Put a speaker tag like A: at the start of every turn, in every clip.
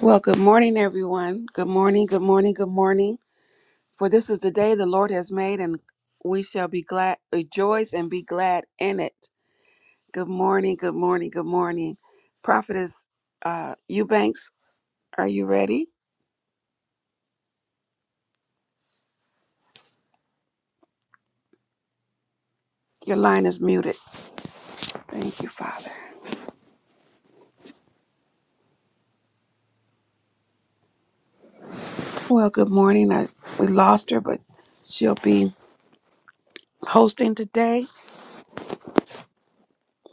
A: Well, good morning, everyone. Good morning, good morning, good morning. For this is the day the Lord has made, and we shall be glad, rejoice, and be glad in it. Good morning, good morning, good morning. Prophetess uh, Eubanks, are you ready? Your line is muted. Thank you, Father. Well, good morning. I, we lost her, but she'll be hosting today.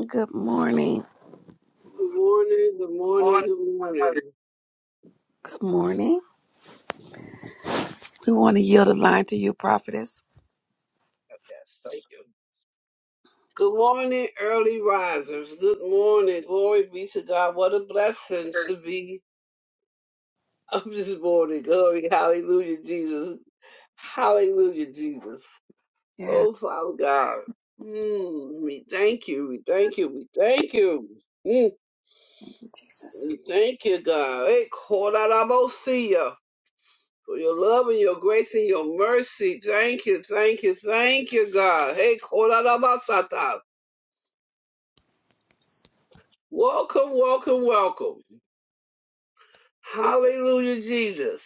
A: Good morning.
B: Good morning, good morning, good morning.
A: Good morning. We want to yield the line to you, Prophetess.
B: Yes, thank you. Good morning, early risers. Good morning. Glory be to God. What a blessing to be up this morning. Glory. Hallelujah, Jesus. Hallelujah, Jesus.
A: Yes.
B: Oh, Father God. Mm, we thank you. We thank you. We thank you. Mm,
A: Thank you, Jesus.
B: we thank you, God. Hey, call out our for your love and your grace and your mercy. Thank you, thank you, thank you, God. Hey, Korarabasata. Welcome, welcome, welcome. Hallelujah, Jesus.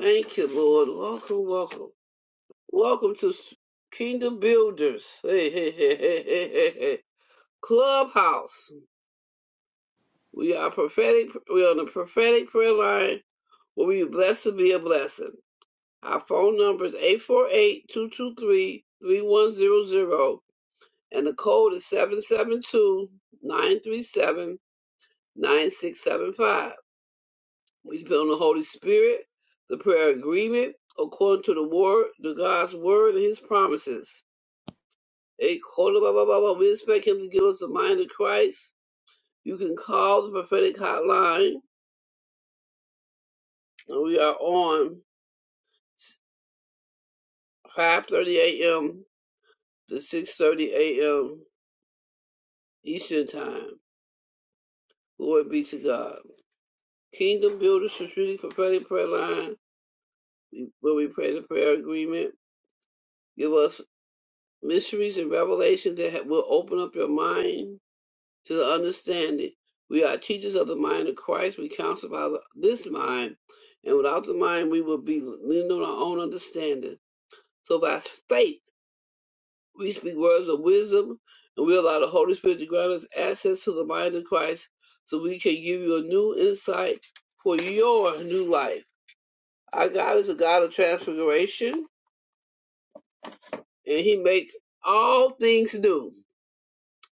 B: Thank you, Lord. Welcome, welcome. Welcome to Kingdom Builders. Hey, hey, hey, hey, hey, hey, hey. Clubhouse. We are prophetic. We're on the prophetic prayer line where we blessed to be a blessing. Our phone number is 848 223 three one zero zero. and the code is seven seven two nine three seven nine six seven five. We depend on the Holy Spirit, the prayer agreement, according to the word, to God's word and his promises. Hey, Kola Ba Ba Ba Ba, we expect him to give us the mind of Christ. You can call the prophetic hotline, and we are on 5.30 a.m. to 6.30 a.m. Eastern Time. Glory be to God. Kingdom Builders Strategic Prophetic Prayer Line Will we pray the prayer agreement? Give us mysteries and revelations that will open up your mind to the understanding. We are teachers of the mind of Christ. We counsel by the- this mind, and without the mind, we will be leaning on our own understanding. So by faith, we speak words of wisdom, and we allow the Holy Spirit to grant us access to the mind of Christ, so we can give you a new insight for your new life. Our God is a God of transfiguration. and he make all things new.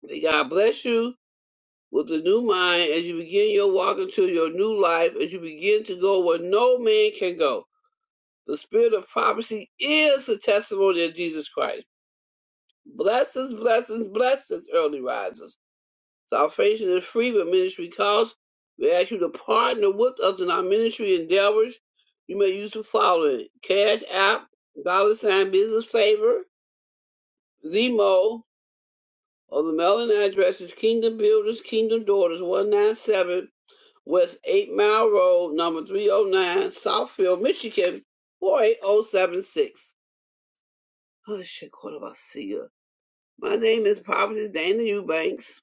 B: May God bless you with a new mind as you begin your walk into your new life, as you begin to go where no man can go. The spirit of prophecy is the testimony of Jesus Christ. Blessings, blessings, blessings, early risers. Salvation is free with ministry costs. We ask you to partner with us in our ministry endeavors. You may use the following Cash App, Dollar Sign Business Favor, Zemo, of the mailing address is Kingdom Builders, Kingdom Daughters, 197 West 8 Mile Road, number 309, Southfield, Michigan, 48076. Oh, shit, Cordovacia. My name is Providence Dana Eubanks,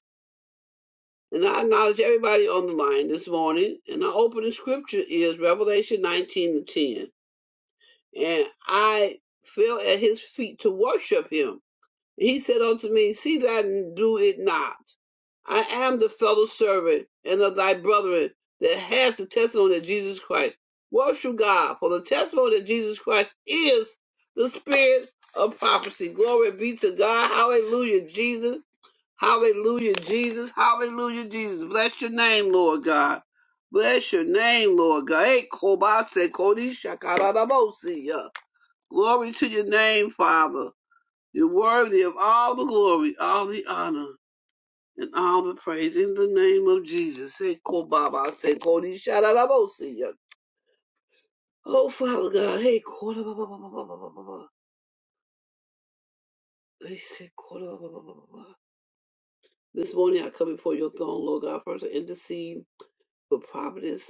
B: and I acknowledge everybody on the line this morning. And our opening scripture is Revelation 19 and 10. And I fell at his feet to worship him. He said unto me, See that and do it not. I am the fellow servant and of thy brethren that has the testimony of Jesus Christ. Worship God, for the testimony of Jesus Christ is the spirit of prophecy. Glory be to God. Hallelujah, Jesus. Hallelujah, Jesus. Hallelujah, Jesus. Bless your name, Lord God. Bless your name, Lord God. Eh, kobase, kodisha, karadabosi, yeah. Glory to your name, Father. You're worthy of all the glory, all the honor and all the praise in the name of Jesus. Hey, Ko Baba." say Kodi Shararabosia. Oh, Father God, hey, Koda ba- ba- ba- ba- ba- ba- ba- ba- ba. Hey, say Koda ba- ba- ba- ba- ba- ba. This morning I come before your throne, Lord God, first to intercede for providence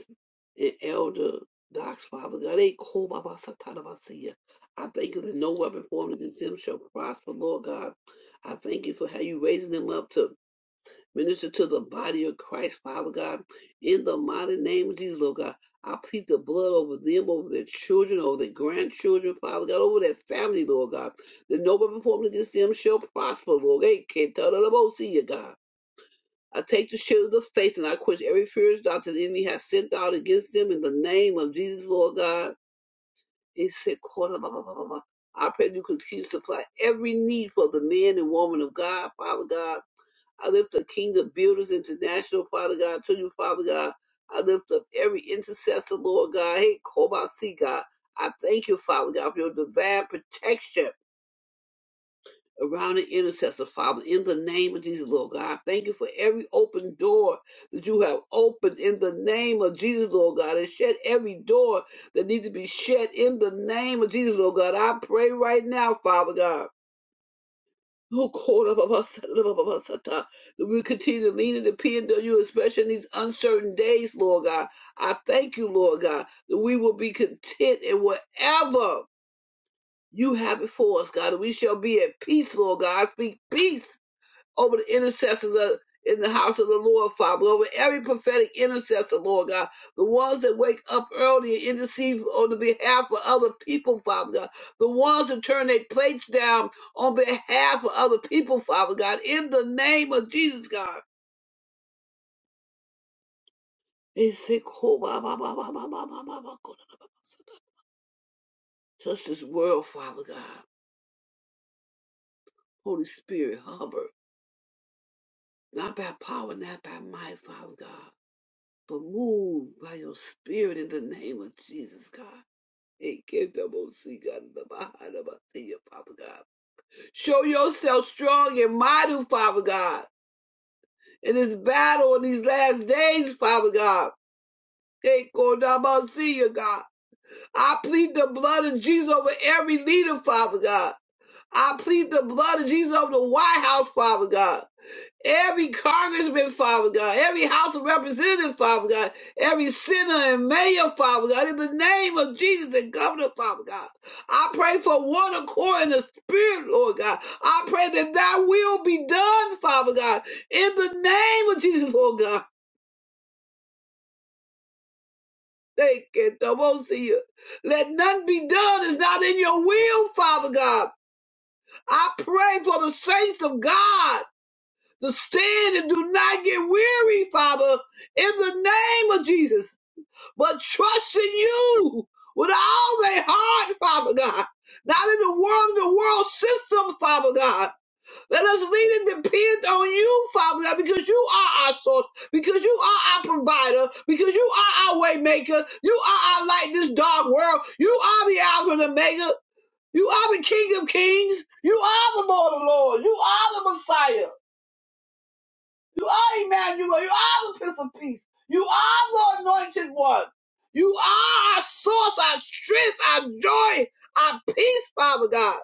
B: and elder docs, Father God. Hey, Ko Kobaba Satanabasia. I thank you that no weapon formed against them shall prosper, Lord God. I thank you for how you raising them up to Minister to the body of Christ, Father God. In the mighty name of Jesus, Lord God, I plead the blood over them, over their children, over their grandchildren, Father God, over their family, Lord God. The noble performance against them shall prosper, Lord. They can't tell the most see you, God. I take the shield of the faith and I quench every fierce dart that the enemy has sent out against them in the name of Jesus, Lord God. He said, quarter, I pray that you continue to supply every need for the man and woman of God, Father God I lift up Kingdom Builders International, Father God, to you, Father God. I lift up every intercessor, Lord God. Hey, Kobasi, God. I thank you, Father God, for your divine protection around the intercessor, Father, in the name of Jesus, Lord God. I thank you for every open door that you have opened in the name of Jesus, Lord God, and shut every door that needs to be shut in the name of Jesus, Lord God. I pray right now, Father God Oh, Lord, Abba, Abba, Sata, Abba, Abba, Sata. That we continue to lean and depend on you, especially in these uncertain days, Lord God. I thank you, Lord God, that we will be content in whatever you have before us, God. And we shall be at peace, Lord God. I speak peace over the intercessors of, in the house of the Lord, Father, over every prophetic intercessor, Lord God, the ones that wake up early and intercede on the behalf of other people, Father God, the ones that turn their plates down on behalf of other people, Father God, in the name of Jesus, God. They say, "Ko ba ba ba ba ba ba ba ba ba ba Touch this world, Father God. Holy Spirit, hover. Not by power, not by might, Father God but move by your spirit in the name of Jesus, God. Hey, get them all, see, God, in the behind of us, see you, Father God. Show yourself strong and mighty, Father God, in this battle in these last days, Father God. Hey, God, i see you, God. I plead the blood of Jesus over every leader, Father God. I plead the blood of Jesus over the White House, Father God. every congressman, Father God, every House of Representatives, Father God, every senator and mayor, Father God, in the name of Jesus and governor, Father God. I pray for one accord in the spirit, Lord God. I pray that thy will be done, Father God, in the name of Jesus, Lord God. Thank you. I won't see you. Let none be done is not in your will, Father God. I pray for the saints of God to stand and do not get weary, Father, in the name of Jesus. But trust in you with all their heart, Father God. Not in the world, the world system, Father God. Let us lean and depend on you, Father God, because you are our source, because you are our provider, because you are our way maker. You are our light in this dark world. You are the Alpha and Omega. You are the King of Kings. You are the Lord of Lords. You are the Messiah. You are Emmanuel. You are the Prince of Peace. You are the Anointed One. You are our source, our strength, our joy, our peace, Father God.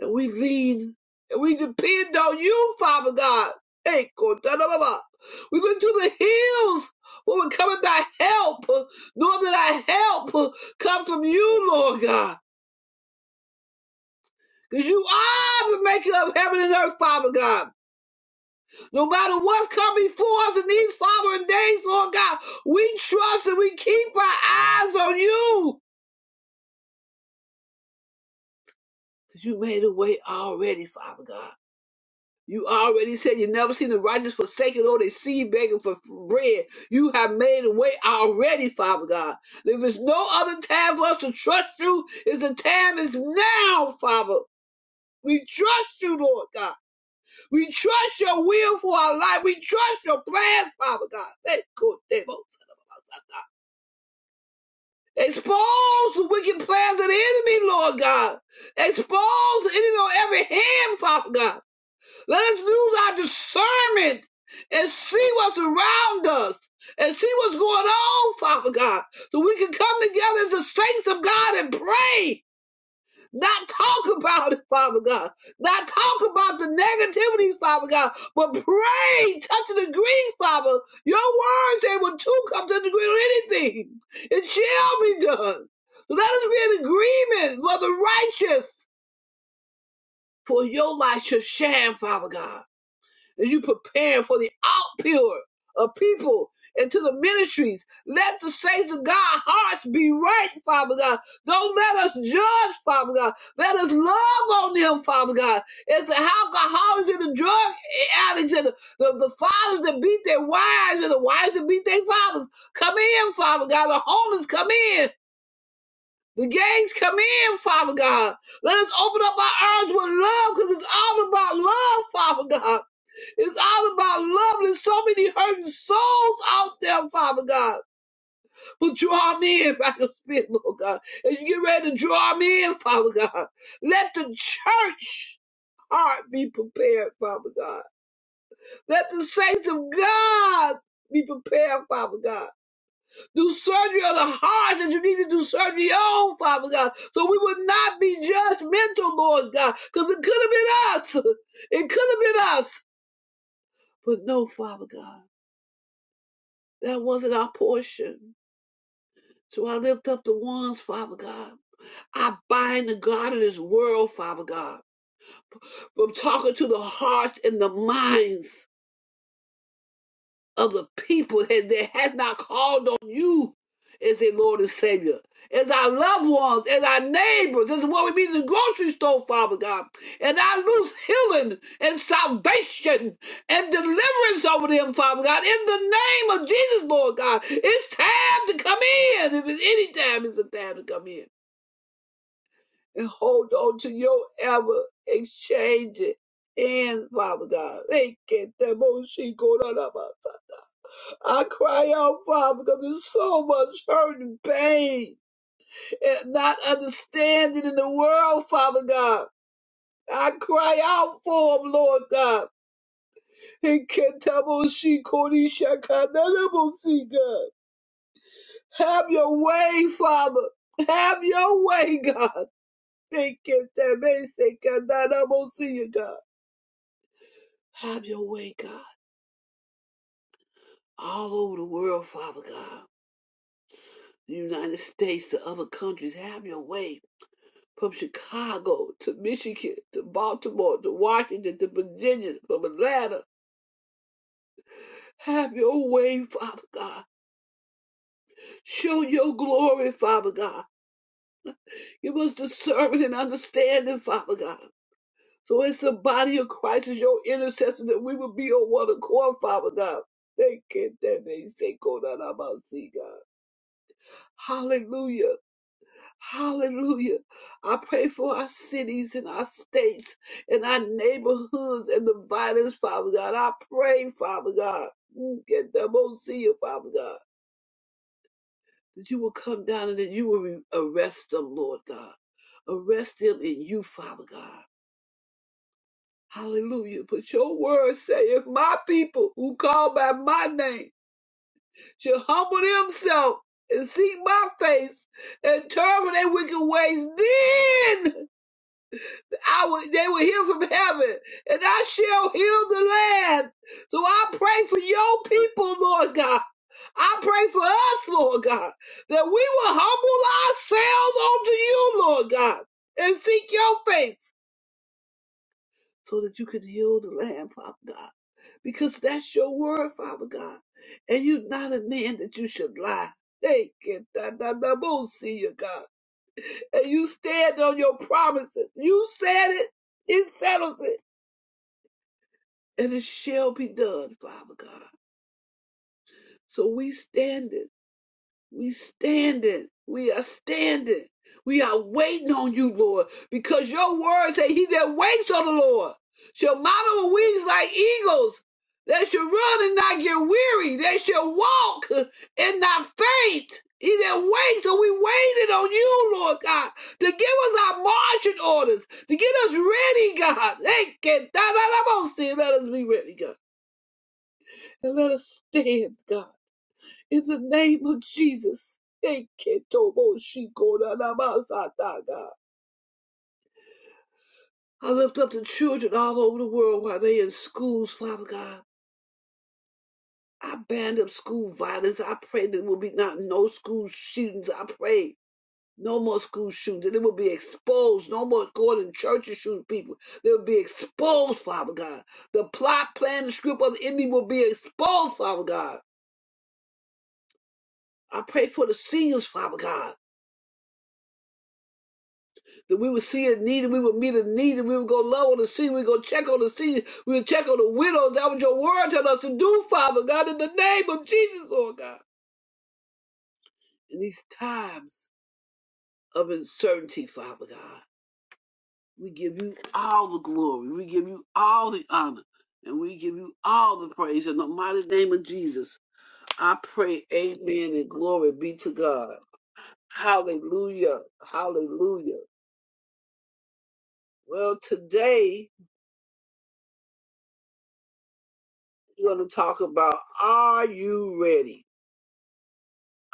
B: And we lean and we depend on you, Father God. Hey, Kotanababa. We look to the hills when we come at thy help, knowing that our help comes from you, Lord God. Because you are the maker of heaven and earth, Father God. No matter what's coming for us in these following days, Lord God, we trust and we keep our eyes on you. Because you made a way already, Father God. You already said you never seen the righteous forsaken or they see begging for bread. You have made a way already, Father God. There is no other time for us to trust you. Is the time is now, Father. We trust you, Lord God. We trust your will for our life. We trust your plans, Father God. Thank you, Lord. Expose the wicked plans of the enemy, Lord God. Expose the enemy on every hand, Father God. Let us use our discernment and see what's around us and see what's going on, Father God, so we can come together as the saints of God and pray not talk about it, Father God, not talk about the negativity, Father God, but pray, touch and agree, Father. Your words, they will too come to the agree on anything. It shall be done. Let us be in agreement for the righteous, for your light shall shine, Father God as you prepare for the outpour of people into the ministries. Let the saints of God hearts be right, Father God. Don't let us judge, Father God. Let us love on them, Father God. As the alcoholics and the drug addicts and the, the, the fathers that beat their wives and the wives that beat their fathers, come in, Father God. The homeless come in. The gangs come in, Father God. Let us open up our arms with love because it's all about love, Father God. It's all about love. There's so many hurting souls out there, Father God. But draw them in by your spirit, Lord God. As you get ready to draw them in, Father God, let the church heart be prepared, Father God. Let the saints of God be prepared, Father God. Do surgery on the heart that you need to do surgery on, Father God. So we would not be judgmental, Lord God, because it could have been us. It could have been us. But no, Father God. That wasn't our portion. So I lift up the ones, Father God. I bind the God of this world, Father God, from talking to the hearts and the minds of the people that that has not called on you as their Lord and Savior, as our loved ones, as our neighbors, as what we meet in the grocery store, Father God. And I lose healing and salvation and deliverance over them, Father God, in the name of Jesus, Lord God. It's time to come in. If it's any time, it's a time to come in. And hold on to your ever exchanging hands, Father God. They Thank you. I cry out, Father, because there's so much hurt and pain and not understanding in the world, Father God. I cry out for him, Lord God. He can't tell she God. Have your way, Father. Have your way, God. He can't tell me, say, to see you, God. Have your way, God. All over the world, Father God. The United States, the other countries, have your way. from Chicago to Michigan to Baltimore to Washington to Virginia, from Atlanta. Have your way, Father God. Show your glory, Father God. Give us discernment and understanding, Father God. So it's the body of Christ is your intercessor that we will be on one accord, Father God. Thank you that they say, go down, I'm out, see God. Hallelujah. Hallelujah. I pray for our cities and our states and our neighborhoods and the violence, Father God. I pray, Father God, mm, get them Oh, see you, Father God, that you will come down and that you will re- arrest them, Lord God. Arrest them in you, Father God. Hallelujah. But your word say, if my people who call by my name shall humble themselves and seek my face and turn from their wicked ways, then. I will, they will hear from heaven, and I shall heal the land. So I pray for your people, Lord God. I pray for us, Lord God, that we will humble ourselves unto you, Lord God, and seek your face so that you can heal the land, Father God, because that's your word, Father God. And you're not a man that you should lie. Take it, that see you, God. And you stand on your promises. You said it. It settles it. and it shall be done, Father God. So we stand it. We stand it. We are standing. We are waiting on you, Lord, because your word say he that waits on the Lord shall mount on wings like eagles. They shall run and not get weary. They shall walk and not faint. He that waits, so we waited on you, Lord God, to give us our marching orders, to get us ready, God. Hey, get that out of us, and Let us be ready, God. and let us stand, God, in the name of Jesus. Thank you, Tomo Shiko na God. I lift up the children all over the world while they are in schools, Father God. I band up school violence. I pray there will be not no school shootings. I pray no more school shootings. And it will be exposed. No more going to church and shooting people. They will be exposed, Father God. The plot, plan, and script of the enemy will be exposed, Father God. I pray for the seniors, Father God. that we would see a need and we would meet a need and we would go love on the sea, we would go check on the sea, we would check on the widows. That was your word tell us to do, Father God, in the name of Jesus, Lord God. In these times of uncertainty, Father God, we give you all the glory, we give you all the honor, and we give you all the praise in the mighty name of Jesus. I pray, Amen, and glory be to God. Hallelujah. Hallelujah. Well, today. We're going to talk about Are you ready?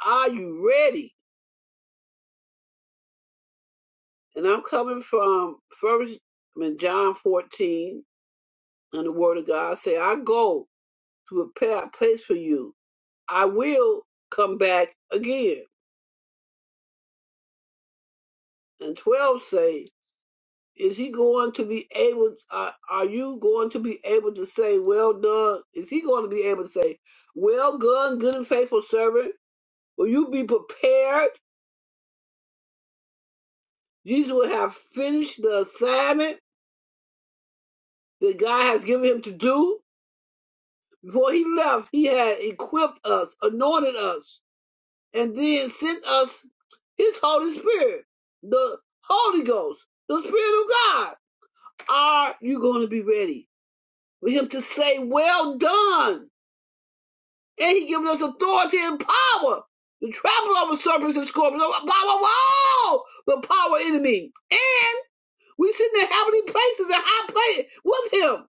B: Are you ready? And I'm coming from First I mean, John 14, and the Word of God say, "I go to prepare a place for you. I will come back again." And 12 say, "Is he going to be able? Uh, are you going to be able to say, well done?' Is he going to be able to say, well done, good and faithful servant? Will you be prepared?" Jesus will have finished the assignment that God has given him to do. Before he left, he had equipped us, anointed us, and then sent us his Holy Spirit, the Holy Ghost, the Spirit of God. Are you going to be ready for him to say, Well done? And he gives us authority and power to trample over serpents and scorpions, over power of all the power enemy. And we sit in heavenly places and high places with him.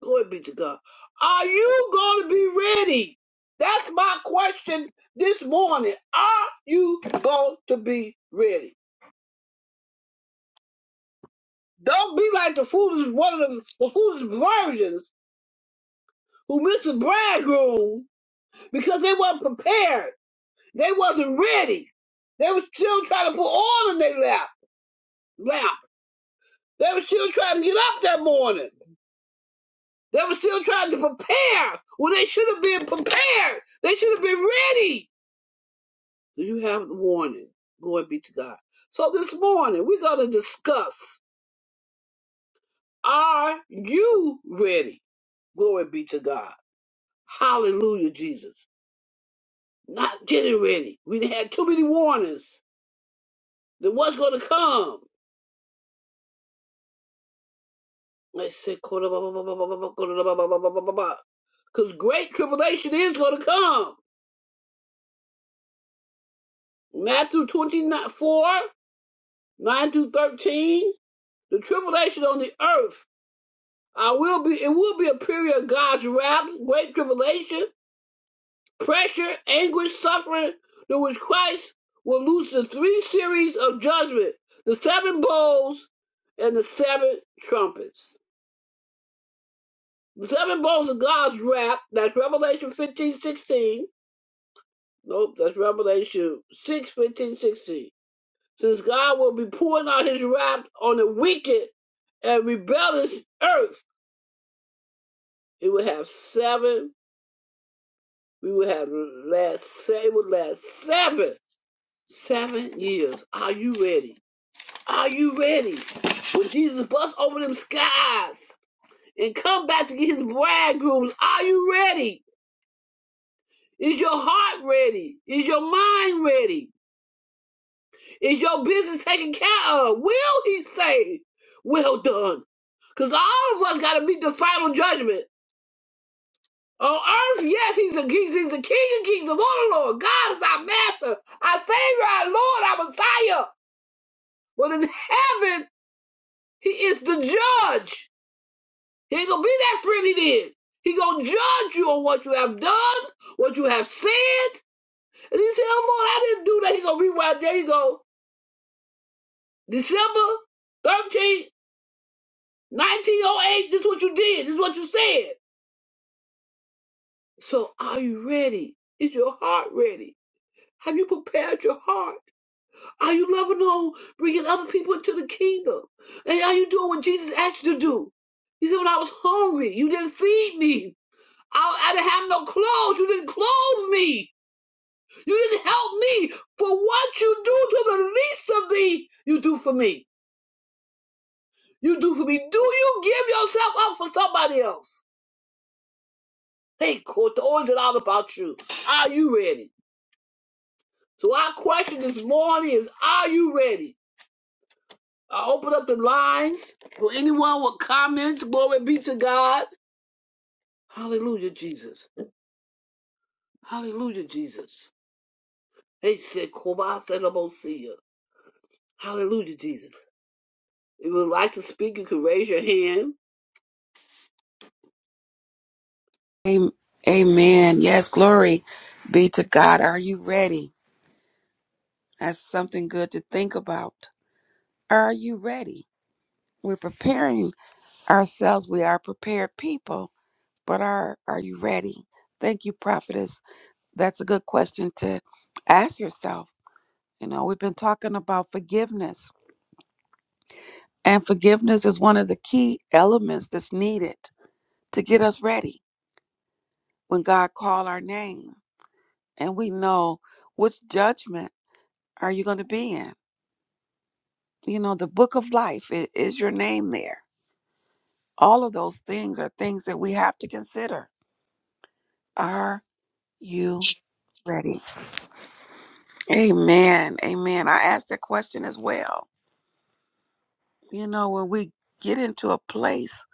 B: Glory be to God. Are you going to be ready? That's my question this morning. Are you going to be ready? Don't be like the foolish one of the, the foolish virgins who missed the bridegroom because they weren't prepared. They wasn't ready. They were still trying to put oil in their lap. Lap. They were still trying to get up that morning. They were still trying to prepare when they should have been prepared. They should have been ready. Do you have the warning? Glory be to God. So this morning we're going to discuss are you ready? Glory be to God. Hallelujah, Jesus. Not getting ready. We had too many warnings that what's going to come. I said, because great tribulation is going to come. Matthew 24, 9 through 13. The tribulation on the earth I will be. It will be a period of God's wrath, great tribulation, pressure, anguish, suffering, through which Christ will lose the three series of judgment: the seven bowls and the seven trumpets. The seven bowls of God's wrath. That's Revelation fifteen sixteen. Nope, that's Revelation 6 15 16. Since God will be pouring out his wrath on the wicked and rebellious earth, it will have seven We will have last say would last seven seven years. Are you ready? Are you ready? When Jesus busts over them skies and come back to get his bridegrooms, are you ready? Is your heart ready? Is your mind ready? Is your business taken care of? Will he say, Well done? Because all of us gotta meet the final judgment. On earth, yes, he's a he's, he's the King of Kings, the Lord of Lords. God is our Master, our Savior, our Lord, our Messiah. But in heaven, He is the Judge. He ain't gonna be that friendly then. He gonna judge you on what you have done, what you have said. And he said, "Oh Lord, I didn't do that." He gonna rewind. There you go. December thirteenth, nineteen 1908. This is what you did. This is what you said. So, are you ready? Is your heart ready? Have you prepared your heart? Are you loving on bringing other people into the kingdom? And are you doing what Jesus asked you to do? He said, When I was hungry, you didn't feed me. I, I didn't have no clothes. You didn't clothe me. You didn't help me. For what you do to the least of thee, you do for me. You do for me. Do you give yourself up for somebody else? Hey, Court, or is it all about you? Are you ready? So our question this morning is, are you ready? I open up the lines for anyone with comments. Glory be to God. Hallelujah, Jesus. Hallelujah, Jesus. They said, Kobas and Abosia. Hallelujah, Jesus. If you would like to speak, you can raise your hand.
A: Am- Amen. Yes, glory be to God. Are you ready? That's something good to think about. Are you ready? We're preparing ourselves. We are prepared people, but are are you ready? Thank you, prophetess. That's a good question to ask yourself. You know, we've been talking about forgiveness, and forgiveness is one of the key elements that's needed to get us ready when God call our name, and we know which judgment are you going to be in you know the book of life i- is your name there all of those things are things that we have to consider are you ready amen amen i asked that question as well you know when we get into a place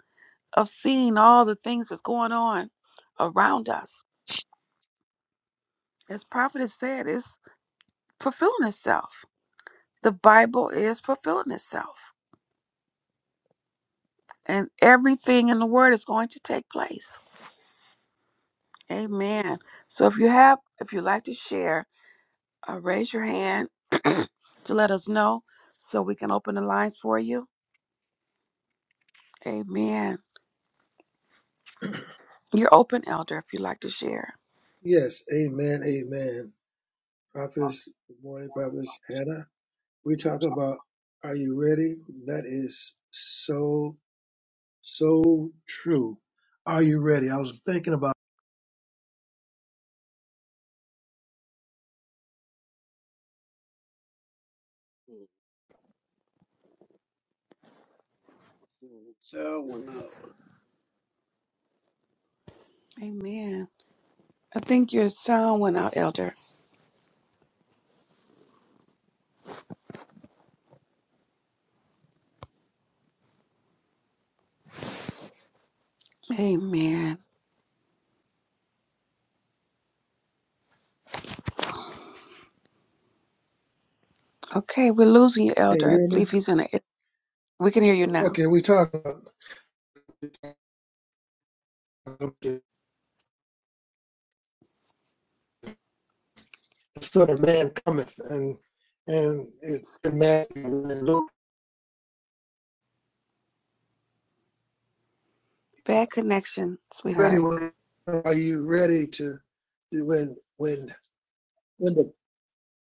A: of seeing all the things that's going on around us as prophet has said it's fulfilling itself the bible is fulfilling itself and everything in the word is going to take place amen so if you have if you'd like to share uh, raise your hand to let us know so we can open the lines for you. Amen. You're open, Elder, if you'd like to share.
C: Yes, amen, amen. Prophetess, good morning, Prophetess Hannah. We're talking about are you ready? That is so, so true. Are you ready? I was thinking about
B: Sure, one up.
A: Amen. I think your sound went out, Elder. Amen. Okay, we're losing you,
C: can you
A: Elder. I
C: hear me?
A: believe he's in a. We can hear you now.
C: Okay, we talk about the Son of Man cometh and and it's in Matthew and Luke.
A: Bad connection,
C: Ready
A: sweetheart.
C: when are you ready to when when when the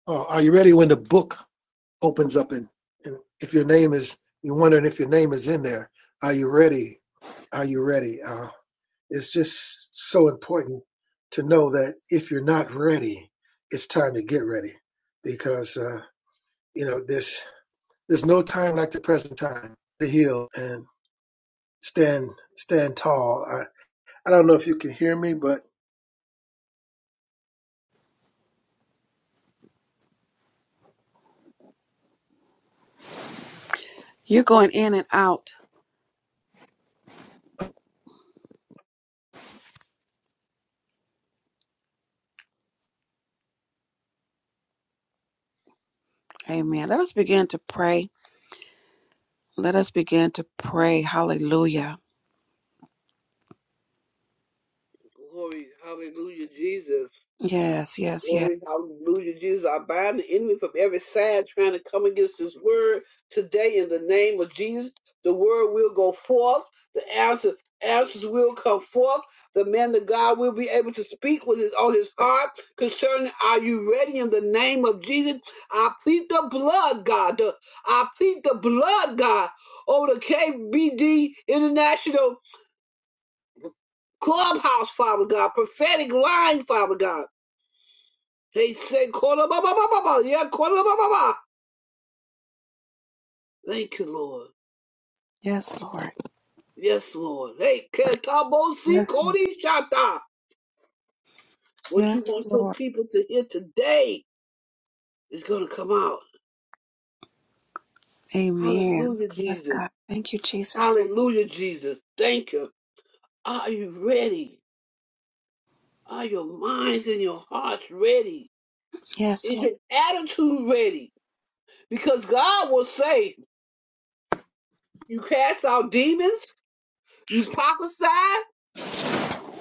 C: uh, are you ready when the book opens up and, and if your name is you're wondering if your name is in there are you ready are you ready uh, it's just so important to know that if you're not ready it's time to get ready because uh, you know there's there's no time like the present time to heal and stand stand tall i, I don't know if you can hear me but
A: You're going in and out. Amen. Let us begin to pray. Let us begin to pray. Hallelujah.
B: Glory, hallelujah, Jesus.
A: Yes, yes, yes.
B: Glory, hallelujah. Jesus, I bind the enemy from every side trying to come against this word today in the name of Jesus. The word will go forth. The answer, answers will come forth. The man of God will be able to speak what is on his heart concerning are you ready in the name of Jesus? I plead the blood, God. The- I plead the blood, God, over the KBD International Clubhouse, Father God, prophetic line, Father God. They say, "Kola ba ba ba ba ba." Yeah, kola ba ba ba. Thank you, Lord.
A: Yes, Lord.
B: Yes, Lord. Hey, ketabosi
A: Yes, Lord.
B: kodi shata. What you
A: Yes,
B: want your
A: Lord.
B: people to hear today is going to come out.
A: Amen.
B: Hallelujah,
A: Yes,
B: Jesus.
A: God. Thank you, Jesus.
B: Hallelujah, Jesus. Thank you. Are you ready? Are your minds and your hearts ready?
A: Yes,
B: Is
A: Lord.
B: your attitude ready? Because God will say, you cast out demons, you prophesy,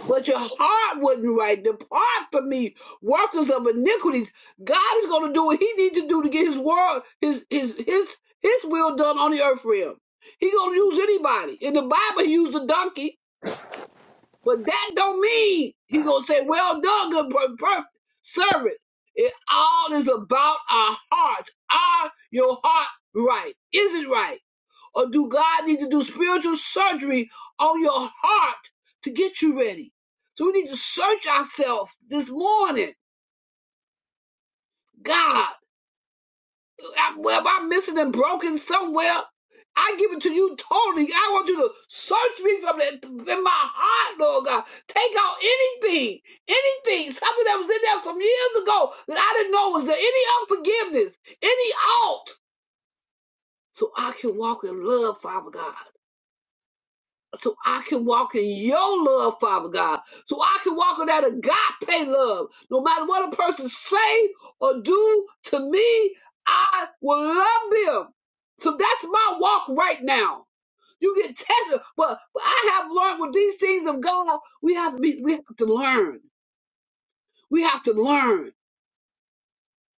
B: but your heart wasn't right. Depart from me, workers of iniquities. God is going to do what He needs to do to get His word, His His His His will done on the earth for Him. He's going to use anybody. In the Bible, He used a donkey, but that don't mean He's going to say, "Well done, good per- perfect servant." It all is about our hearts. Are your heart right? Is it right? Or do God need to do spiritual surgery on your heart to get you ready? So we need to search ourselves this morning. God, I, well, am I missing and broken somewhere? I give it to you totally. I want you to search me from the, in my heart, Lord God. Take out anything, anything, something that was in there from years ago that I didn't know was there. Any unforgiveness, any alt, so I can walk in love, Father God. so I can walk in your love, Father God. So I can walk in that agape love. No matter what a person say or do to me, I will love them. So that's my walk right now. You get tested, but, but I have learned with these things of God, we have to be, we have to learn. We have to learn.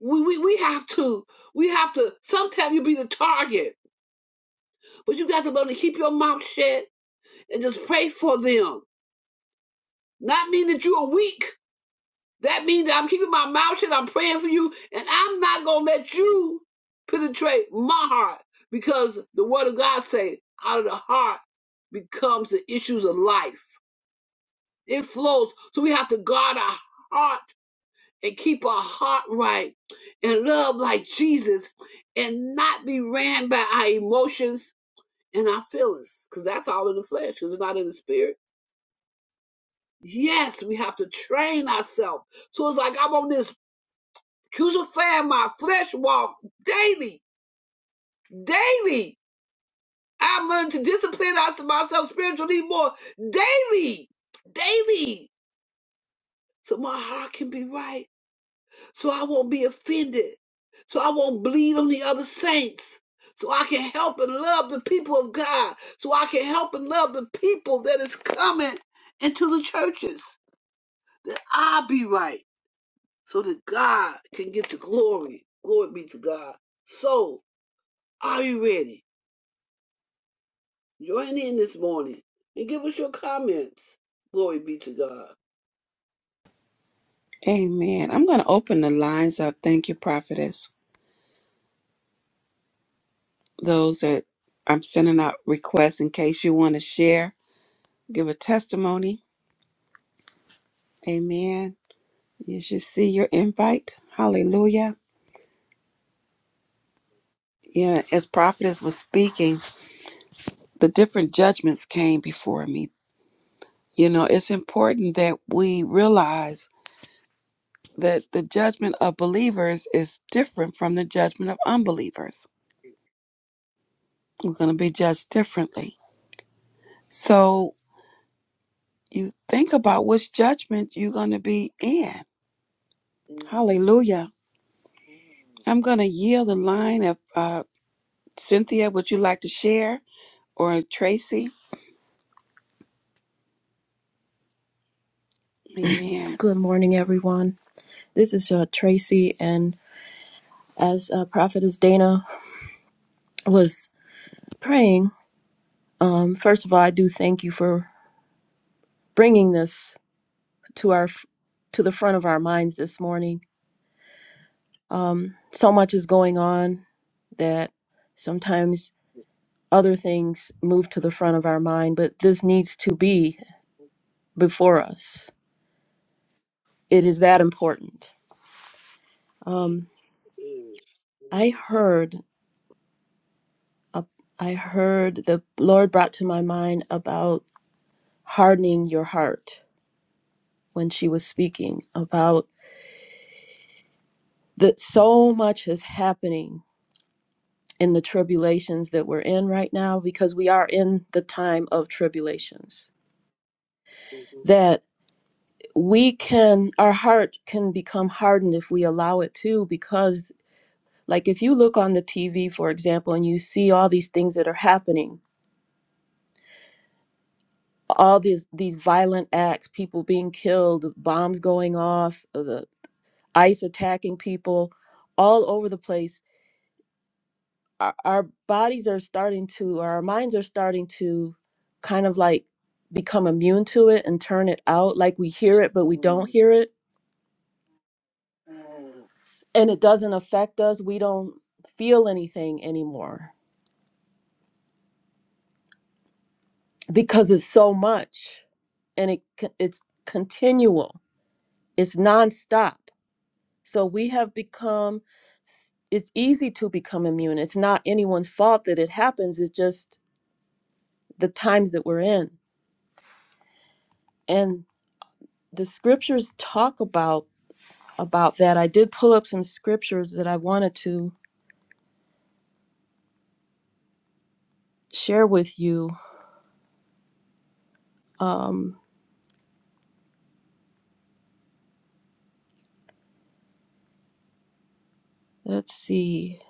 B: We, we, we have to, we have to, sometimes you be the target, but you got to learn to keep your mouth shut and just pray for them. Not mean that you are weak, That means that I'm keeping my mouth shut. I'm praying for you, and I'm not gonna let you penetrate my heart because the Word of God says, out of the heart becomes the issues of life. It flows, so we have to guard our heart and keep our heart right and love like Jesus, and not be ran by our emotions and our feelings, because that's all in the flesh, because it's not in the spirit. Yes, we have to train ourselves. So it's like I'm on this crucifying my flesh walk daily, daily. I'm learning to discipline us- myself spiritually more daily, daily, so my heart can be right, so I won't be offended, so I won't bleed on the other saints, so I can help and love the people of God, so I can help and love the people that is coming into the churches, that I be right, so that God can get the glory. Glory be to God. So, are you ready? Join in this morning and give us your comments. Glory be to God.
A: Amen. I'm going to open the lines up. Thank you, prophetess. Those that I'm sending
B: Mm,
A: out requests in case you want to share, give a testimony. Amen. You should see your invite. Hallelujah. Yeah, as prophetess was speaking, the different judgments came before me. You
B: mm,
A: know, it's important that we realize that the judgment of believers is different from the judgment of unbelievers We're going to be judged differently. So you think about which judgment you're going to be in.
B: mm,
A: Hallelujah. I'm going to yield the line of uh, Cynthia. Would you like to share or Tracy? Amen.
D: Good morning, everyone. This is uh, Tracy, and as uh, Prophetess Dana was praying, um, first of all, I do thank you for bringing this to our to the front of our minds this morning. Um, so much is going on that sometimes other things move to the front of our mind, but this needs to be before us. It is
B: mm.
D: that important. Um,
B: Yes,
D: I
B: yes.
D: heard a, I heard the Lord brought to my mind about hardening your heart when she was speaking about that so much is happening in the tribulations that we're in right now because we are in the time of tribulations
B: Mhm.
D: that we can our heart can become hardened if we allow it to because like if you look on the TV for example and you see all these things that are happening all these these violent acts people being killed bombs going off the ICE attacking people all over the place our, our bodies are starting to or our minds are starting to kind of like become immune to it and turn it out like we hear it but we
B: Mm,
D: don't hear it
B: mm.
D: and it doesn't affect us we don't feel anything anymore because it's so much and it c- it's continual it's nonstop so we have become s- it's easy to become immune it's not anyone's fault that it happens it's just the times that we're in and the scriptures talk about about that. I did pull up some scriptures that I wanted to share with you. Um, let's see.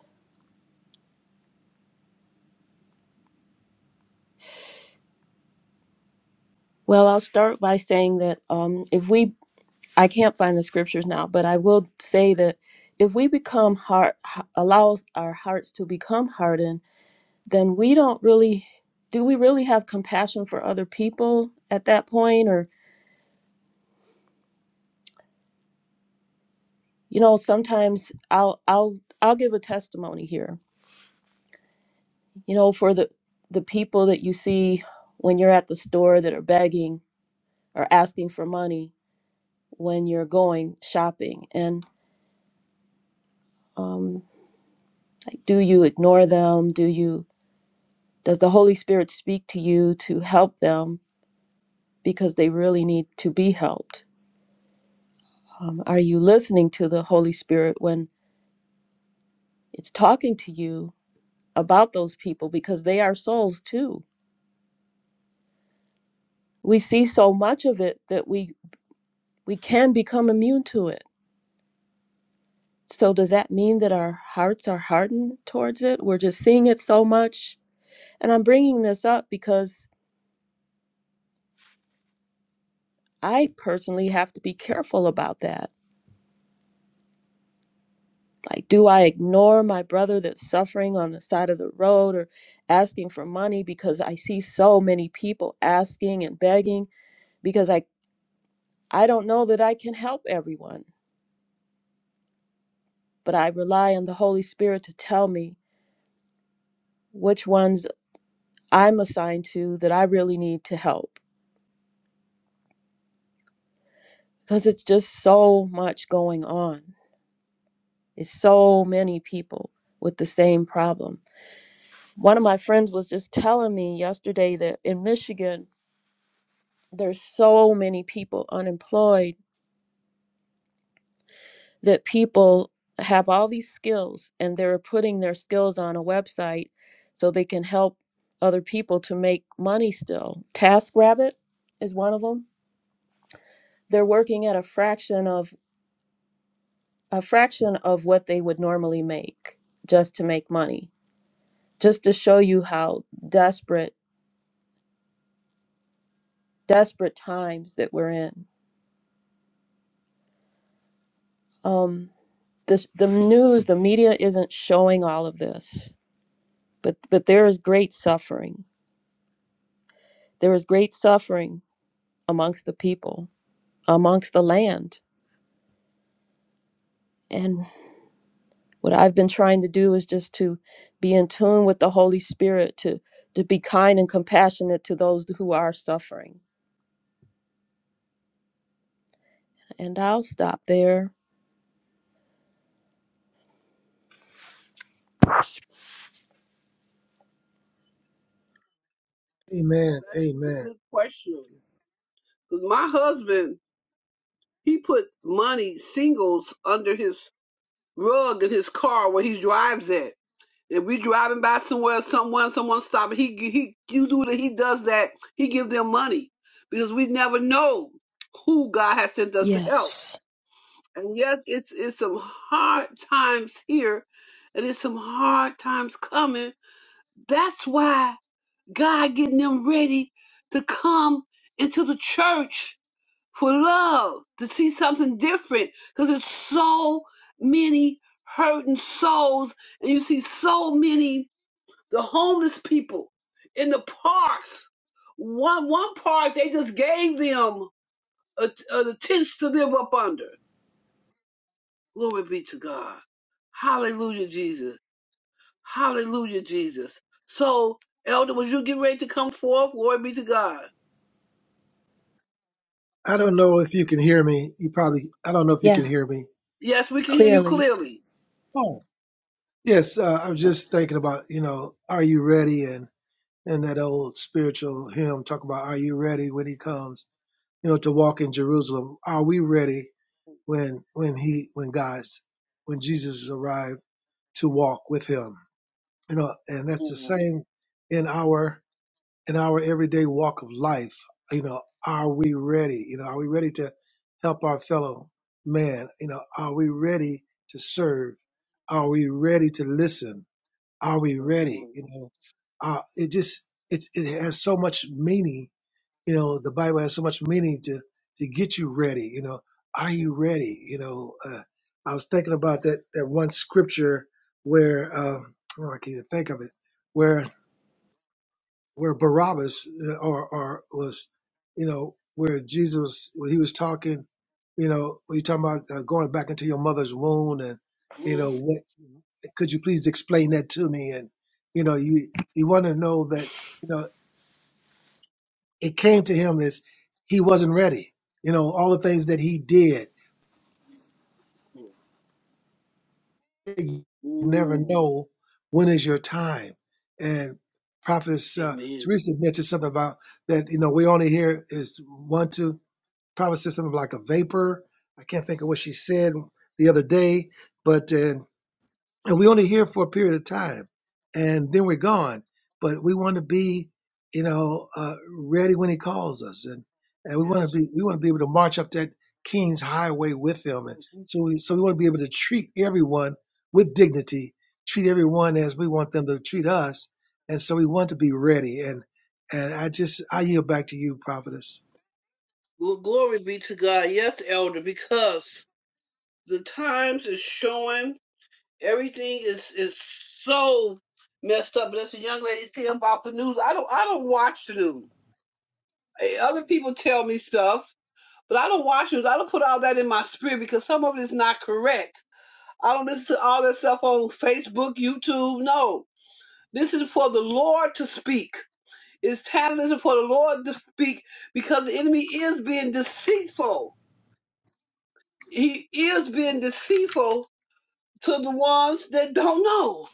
D: Well, I'll start by saying that um, if we, I can't find the scriptures now, but I will say that if we become hard, allow our hearts to become hardened, then we don't really, do we really have compassion for other people at that point? Or, you know, sometimes I'll, I'll, I'll give a testimony here you know for the the people that you see when you're at the store that are begging or asking for money when you're going shopping and um, like, do you ignore them do you does the holy spirit speak to you to help them because they really need to be helped um, are you listening to the holy spirit when it's talking to you about those people because they are souls too we see so much of it that we we can become immune to it So does that mean that our hearts are hardened towards it? We're just seeing it so much. And I'm bringing this up because I personally have to be careful about that. Like, do I ignore my brother that's suffering on the side of the road or asking for money because I see so many people asking and begging because I I don't know that I can help everyone, but I rely on the Holy Spirit to tell me which ones I'm assigned to that I really need to help because it's just so much going on. It's so many people with the same problem. One of my friends was just telling me yesterday that in Michigan, there's so many people unemployed that people have all these skills and they're putting their skills on a website so they can help other people to make money still. TaskRabbit is one of them. They're working at a fraction of a fraction of what they would normally make just to make money just to show you how desperate, desperate times that we're in. Um, this, the news, the media isn't showing all of this, but but there is great suffering. There is great suffering amongst the people, amongst the land. And what I've been trying to do is just to be in tune with the Holy Spirit, to to be kind and compassionate to those who are suffering. And I'll stop there.
C: amen
B: That is a
C: amen
B: good question. Because my husband, he put money singles under his rug in his car where he drives at. If we driving by somewhere, someone, someone stop, he he you do that. He does that. He gives them money because we never know who God has sent us to help.
D: Yes.
B: And yes, it's it's some hard times here, and it's some hard times coming. That's why God getting them ready to come into the church for love, to see something different, because there's so many hurting souls, and you see so many the homeless people in the parks. One one park they just gave them a, a, the tents to live up under Glory be to God. Hallelujah, Jesus. Hallelujah, Jesus. So, Elder, was you getting ready to come forth? Glory be to God.
C: i don't know if you can hear me you probably i don't know if you can
D: Yes.
C: hear me
B: Yes, we can hear you
D: Clearly,
B: clearly.
C: Yes, uh, I was just thinking about, you know, are you ready? And and that old spiritual hymn talk about, are you ready when he comes? You know, to walk in Jerusalem. Are we ready when when he when God's when Jesus arrived to walk with him? You know, and that's the same in our in our everyday walk of life. You know, are we ready? You know, are we ready to help our fellow man? You know, are we ready to serve? Are we ready to listen? Are we ready? You know, uh, it just it's it has so much meaning. You know, the Bible has so much meaning to to get you ready. You know, are you ready? You know, uh, I was thinking about that that one scripture where um, oh, I can't even think of it, where where Barabbas uh, or or was, you know, where Jesus when he was talking, you know, when you talking about uh, going back into your mother's womb and you know what could you please explain that to me? And you know, you you want to know that you know it came to him that he wasn't ready. You know, all the things that he did. You never know when is your time. And prophetess uh,
B: Amen.
C: Teresa mentioned something about that. You know, we only hear is one two. prophet said something like a vapor. I can't think of what she said the other day, but uh, and we only here for a period of time and then we're gone but we want to be you know uh, ready when he calls us and and we want to
B: Yes.
C: be we want to be able to march up that king's highway with him and so we, so we want to be able to treat everyone with dignity treat everyone as we want them to treat us and so we want to be ready and and i just i yield back to you prophetess
B: Well, glory be to God. Yes, Elder, because the times is showing everything is is so messed up. But as the young lady saying about the news, I don't I don't watch the news. Hey, Other people tell me stuff, but I don't watch it. I don't put all that in my spirit because some of it is not correct. I don't listen to all that stuff on Facebook, YouTube. No, this is for the Lord to speak. It's tantalism for the Lord to speak because the enemy is being deceitful. He is being deceitful to the ones that don't know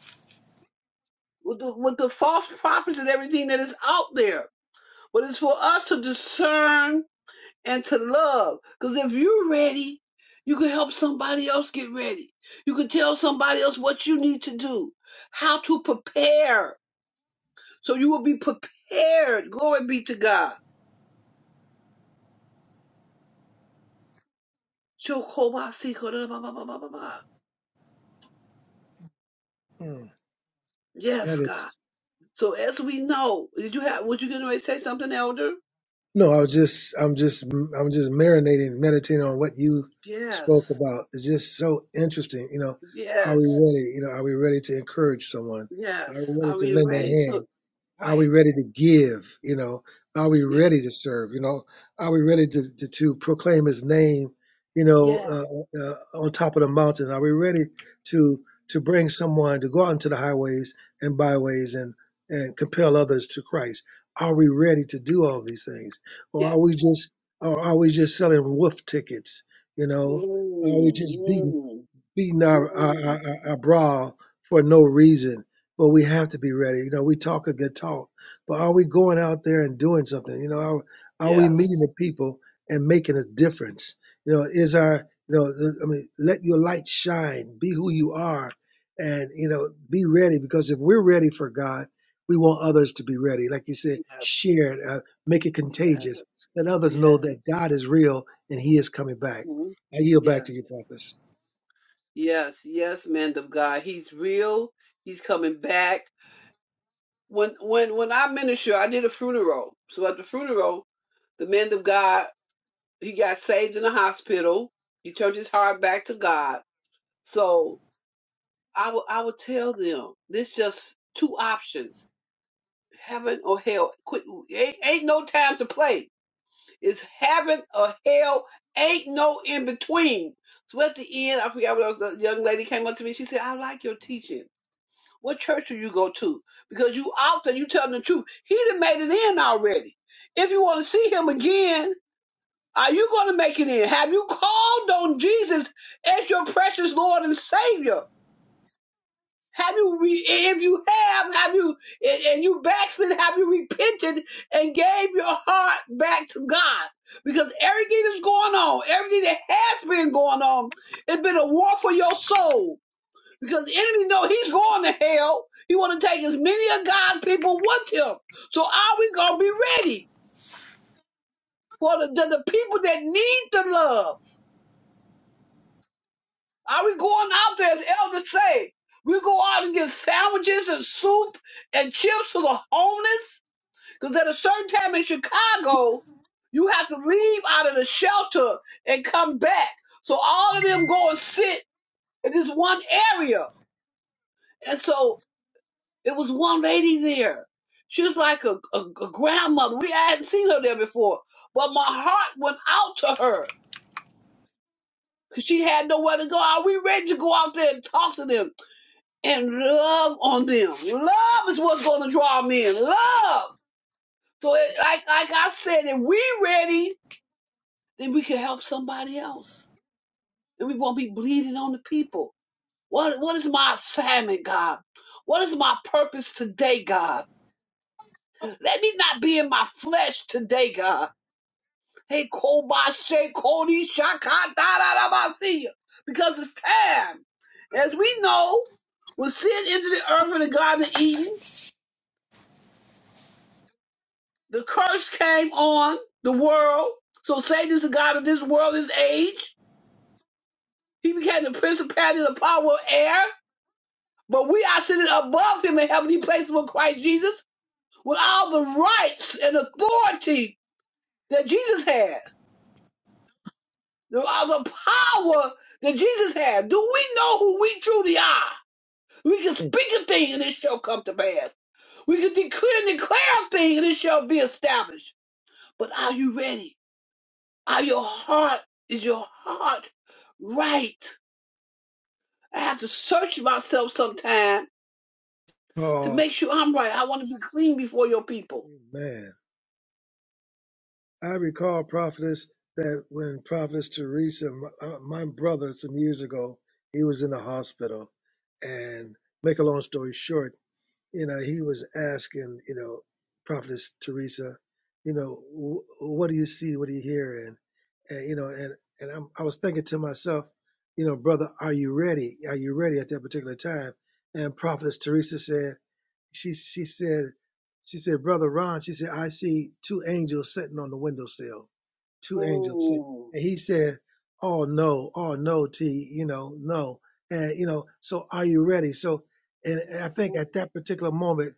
B: with the, with the false prophets and everything that is out there. But it's for us to discern and to love. Because if you're ready, you can help somebody else get ready. You can tell somebody else what you need to do, how to prepare. So you will be prepared. Glory be to God.
C: Mm, that
B: Yes,
C: is
B: God. So as we know, did you have would you going to say something, Elder?
C: No, I was just, I'm just, I'm just marinating, meditating on what you spoke
B: Yes.
C: about. It's just so interesting. You know, are we
B: Yes.
C: ready? You know, are we ready to encourage someone? Are
B: Yes.
C: we
B: Are
C: ready to
B: we
C: lend a
B: ready
C: hand?
B: to
C: Are
B: right?
C: we ready to give? You know, are we ready to
B: Yes.
C: serve? You know, are we ready to to, to proclaim His name? You know,
B: Yes.
C: uh, uh, uh, on top of the mountain, are we ready to to bring someone to go out into the highways and byways and and compel others to Christ? Are we ready to do all these things, or are we
B: Yes.
C: just or are we just selling wolf tickets? You know, are we
B: Mm,
C: just beating
B: mm,
C: beating our, our, our,
B: mm.
C: our our brawl for no reason. But we have to be ready. You know, we talk a good talk, but are we going out there and doing something? You know, are, are we meeting
B: Yes.
C: the people and making a difference? You know, is our, you know, the- I mean, let your light shine, be who you are, and, you know, be ready because if we're ready for God, we want others to be ready. Like you said,
B: Yes.
C: share it, uh, make it contagious.
B: Yes.
C: Let others know that
B: Yes.
C: God is real and he is coming back.
B: Mhm.
C: I yield back to you,
B: Yes.
C: Prophet.
B: Yes. Yes, man of God. He's real. He's coming back. When when when I minister, I did a funeral. So at the funeral, the man of God, he got saved in the hospital. He turned his heart back to God. So I will I will tell them there's just two options. Heaven or hell. Quit ain't, ain't no time to play. It's heaven or hell. Ain't no in between. So at the end, I forgot what else. The young lady came up to me. She said, "I like your teaching. What church do you go to? Because you out there, you telling the truth. He done made it in already. If you want to see him again, are you going to make it in? Have you called on Jesus as your precious Lord and Savior? Have you re- if you have, have you and and you backslid, have you repented and gave your heart back to God? Because everything that's going on, everything that has been going on, it's been a war for your soul. Because the enemy know he's going to hell. He want to take as many of God's people with him. So are we gonna be ready for the, the, the people that need the love? Are we going out there as elders say? We go out and get sandwiches and soup and chips to the homeless Because at a certain time in Chicago, you have to leave out of the shelter and come back. So all of them go and sit in this one area. And so it was one lady there. She was like a, a, a grandmother. We I hadn't seen her there before. But my heart went out to her because she had nowhere to go. Are we ready to go out there and talk to them and love on them? Love is what's going to draw men. Love. So it, like, like I said, if we ready then we can help somebody else. And we won't be bleeding on the people. What, what is my assignment, God? What is my purpose today, God? Let me not be in my flesh today, God. Hey, Kobashe, Kodi, Shaka, da, da, da, Basia. Because it's time. As we know, when sin entered the earth in the Garden of Eden, the curse came on the world. So Satan is the God of this world, this age. He became the principality of the power of air But we are sitting above him in heavenly places with Christ Jesus, with all the rights and authority that Jesus had, with all the power that Jesus had. Do we know who we truly are? We can speak a thing and it shall come to pass. We can declare and declare a thing and it shall be established. But are you ready? Are your heart, is your heart right? I have to search myself sometime to
C: recall,
B: make sure I'm right. I want to be clean before your people.
C: man, I recall prophetess that when prophetess Teresa, my, uh, my brother, some years ago, he was in the hospital, and make a long story short, you know, he was asking, you know, prophetess Teresa, you know, w- what do you see, what do you hear, and, and you know, and and I'm, I was thinking to myself, you know, brother, are you ready? Are you ready at that particular time? And prophetess Teresa said. she she said she said brother Ron she said I see two angels sitting on the windowsill, two angels sitting,
B: Ooh.
C: and he said oh no oh no T you know no and you know so are you ready so and and I think at
B: Mhm.
C: that particular moment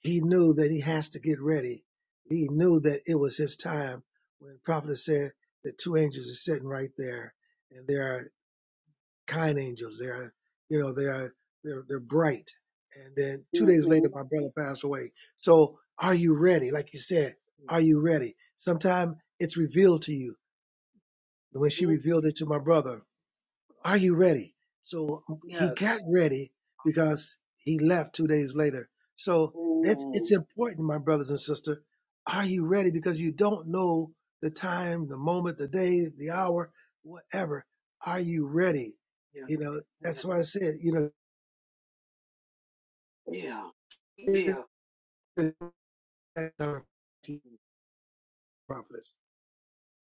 C: he knew that he has to get ready he knew that it was his time when the prophet said that two angels are sitting right there kind angels. They are, you know, they are, they're, they're bright. And then two days later,
B: Mhm.
C: my brother passed away. So are you ready? Like you said, are you ready? Sometime it's revealed to you. When she
B: Mhm.
C: revealed it to my brother, are you ready? So um, he got
B: Yes.
C: ready because he left two days later. So that's it's
B: Mm.
C: important, my brothers and sisters. Are you ready? Because you don't know the time, the moment, the day, the hour, whatever. Are you ready?
B: Yeah.
C: You know,
B: Yeah.
C: that's why I said, you
B: Yeah. Yeah.
C: know, prophetess.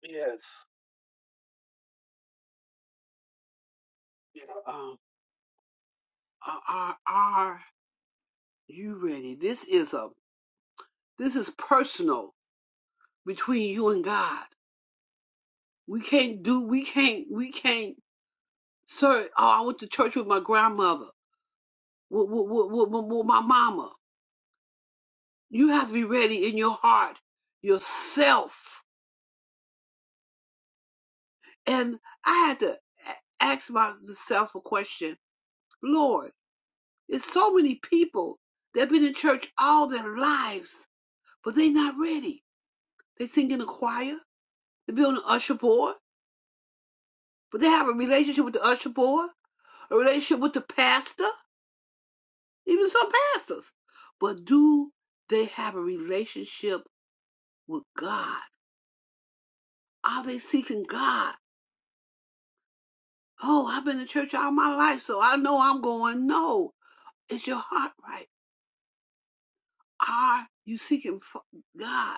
B: Yes. Yeah. Um. Are, are are you ready? This is a this is personal between you and God. We can't do. We can't. We can't. Sir. Oh, I went to church with my grandmother. With, with, with, with, with my mama. You have to be ready in your heart, yourself. And I had to a- ask myself a question Lord, there's so many people that have been in church all their lives, but they are not ready. They sing in the choir, they be on the usher board, but they have a relationship with the usher board, a relationship with the pastor, even some pastors. But do they have a relationship with God? Are they seeking God? Oh, I've been in church all my life, so I know I'm going. No, is your heart right? Are you seeking God?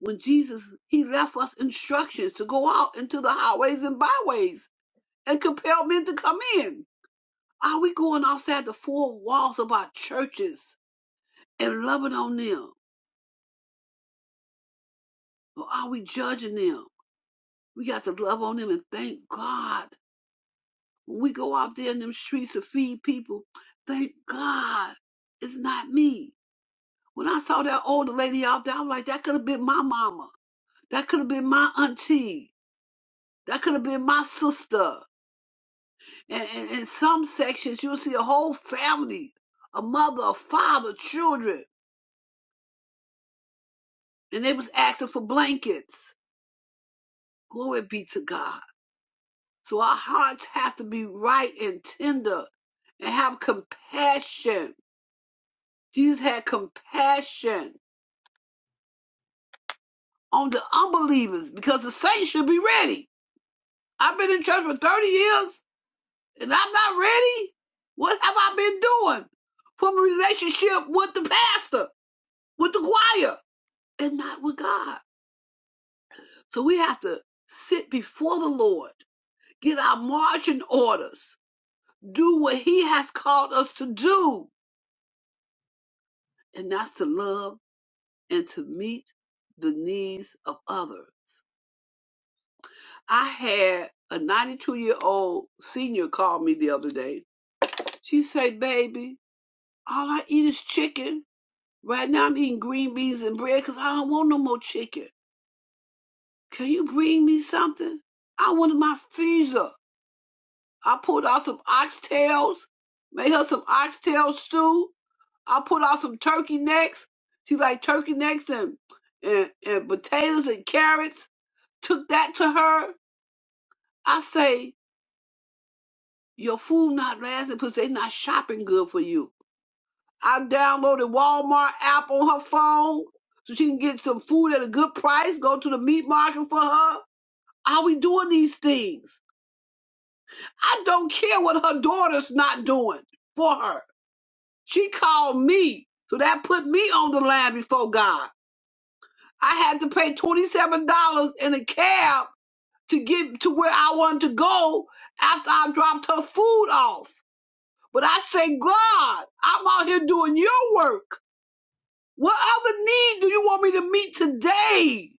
B: when Jesus, he left us instructions to go out into the highways and byways and compel men to come in. Are we going outside the four walls of our churches and loving on them? Or are we judging them? We got to love on them and thank God. When we go out there in them streets to feed people, thank God it's not me. When I saw that older lady out there, I was like, that could have been my mama. That could have been my auntie. That could have been my sister. And in, some sections, you'll see a whole family, a mother, a father, children, and they was asking for blankets. Glory be to God. So our hearts have to be right and tender and have compassion. Jesus had compassion on the unbelievers because the saints should be ready. I've been in church for 30 years and I'm not ready. What have I been doing from a relationship with the pastor, with the choir, and not with God? So we have to sit before the Lord, get our marching orders, do what He has called us to do, and that's to love and to meet the needs of others. I had a 92 year old senior call me the other day. She said, Baby, all I eat is chicken. Right now I'm eating green beans and bread because I don't want no more chicken. Can you bring me something? I wanted my freezer. I pulled out some oxtails, made her some oxtail stew. I pulled out some turkey necks. She liked turkey necks and, and and potatoes and carrots. Took that to her. I say your food not lasting because they not shopping good for you. I downloaded Walmart app on her phone so she can get some food at a good price. Go to the meat market for her. Are we doing these things? I don't care what her daughter's not doing for her. She called me. So that put me on the line before God. I had to pay $27 in a cab to get to where I wanted to go after I dropped her food off. But I say, God, I'm out here doing your work. What other need do you want me to meet today?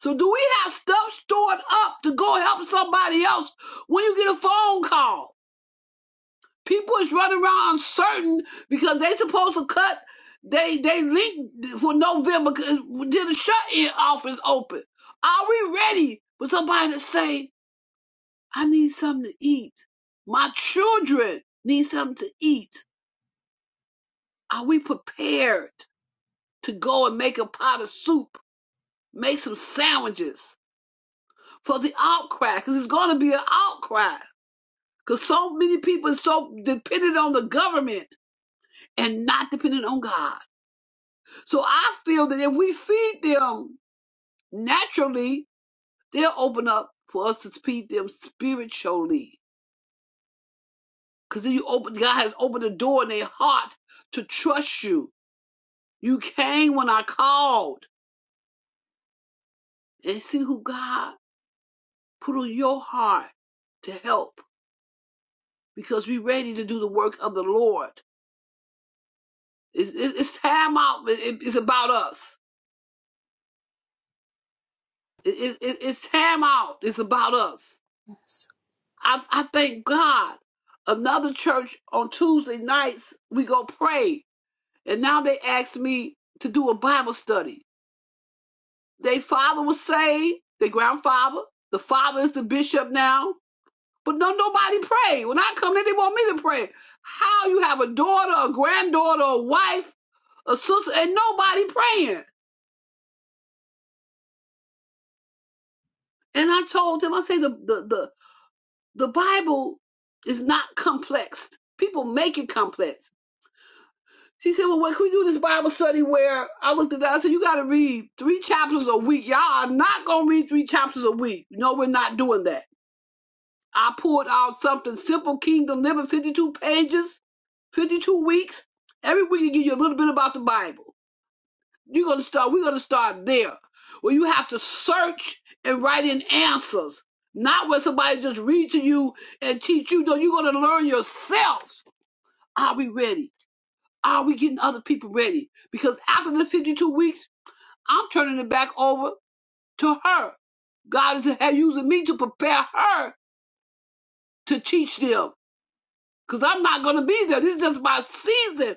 B: So do we have stuff stored up to go help somebody else when you get a phone call? People is running around uncertain because they supposed to cut. They they leak for November because did the shut in office open. Are we ready for somebody to say, "I need something to eat. My children need something to eat." Are we prepared to go and make a pot of soup, make some sandwiches for the outcry? Because it's going to be an outcry. Because so many people are so dependent on the government and not dependent on God. So I feel that if we feed them naturally, they'll open up for us to feed them spiritually. Because then you open, God has opened the door in their heart to trust you. You came when I called and see who God put on your heart to help because we're ready to do the work of the Lord. It's, it's it's time out. It- It's about us. it- it- It's time out. It's about us.
A: Yes,
B: I, I thank God. Another church on Tuesday nights, we go pray. And now they asked me to do a Bible study. Their father was saved, their grandfather. The father is the bishop now. But no, nobody prayed. When I come in, they want me to pray. How you have a daughter, a granddaughter, a wife, a sister, and nobody praying. And I told them, I say the the the, the Bible is not complex. People make it complex She said, Well, what can we do this Bible study where I looked at that? I said, You got to read three chapters a week. Y'all are not going to read three chapters a week. No, we're not doing that. I pulled out something simple, Kingdom Living, 52 pages, 52 weeks. Every week, I give you a little bit about the Bible. You're going to start, we're going to start there where you have to search and write in answers, not where somebody just read to you and teach you. No, you're going to learn yourself. Are we ready? Are we getting other people ready? Because after the 52 weeks, I'm turning it back over to her. God is using me to prepare her to teach them. Because I'm not going to be there. This is just my season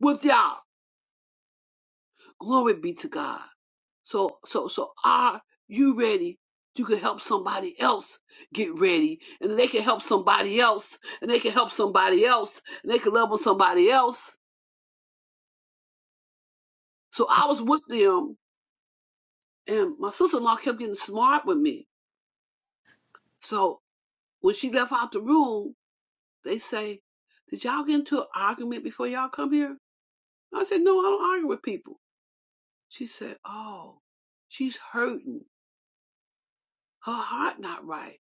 B: with y'all. Glory be to God. So, so, so are you ready? You can help somebody else get ready, and they can help somebody else, and they can help somebody else, and they can love on somebody else. So I was with them, and my sister-in-law kept getting smart with me So when she left out the room, they say, Did y'all get into an argument before y'all come here? I said, No, I don't argue with people. She said, Oh, she's hurting. Her heart not right.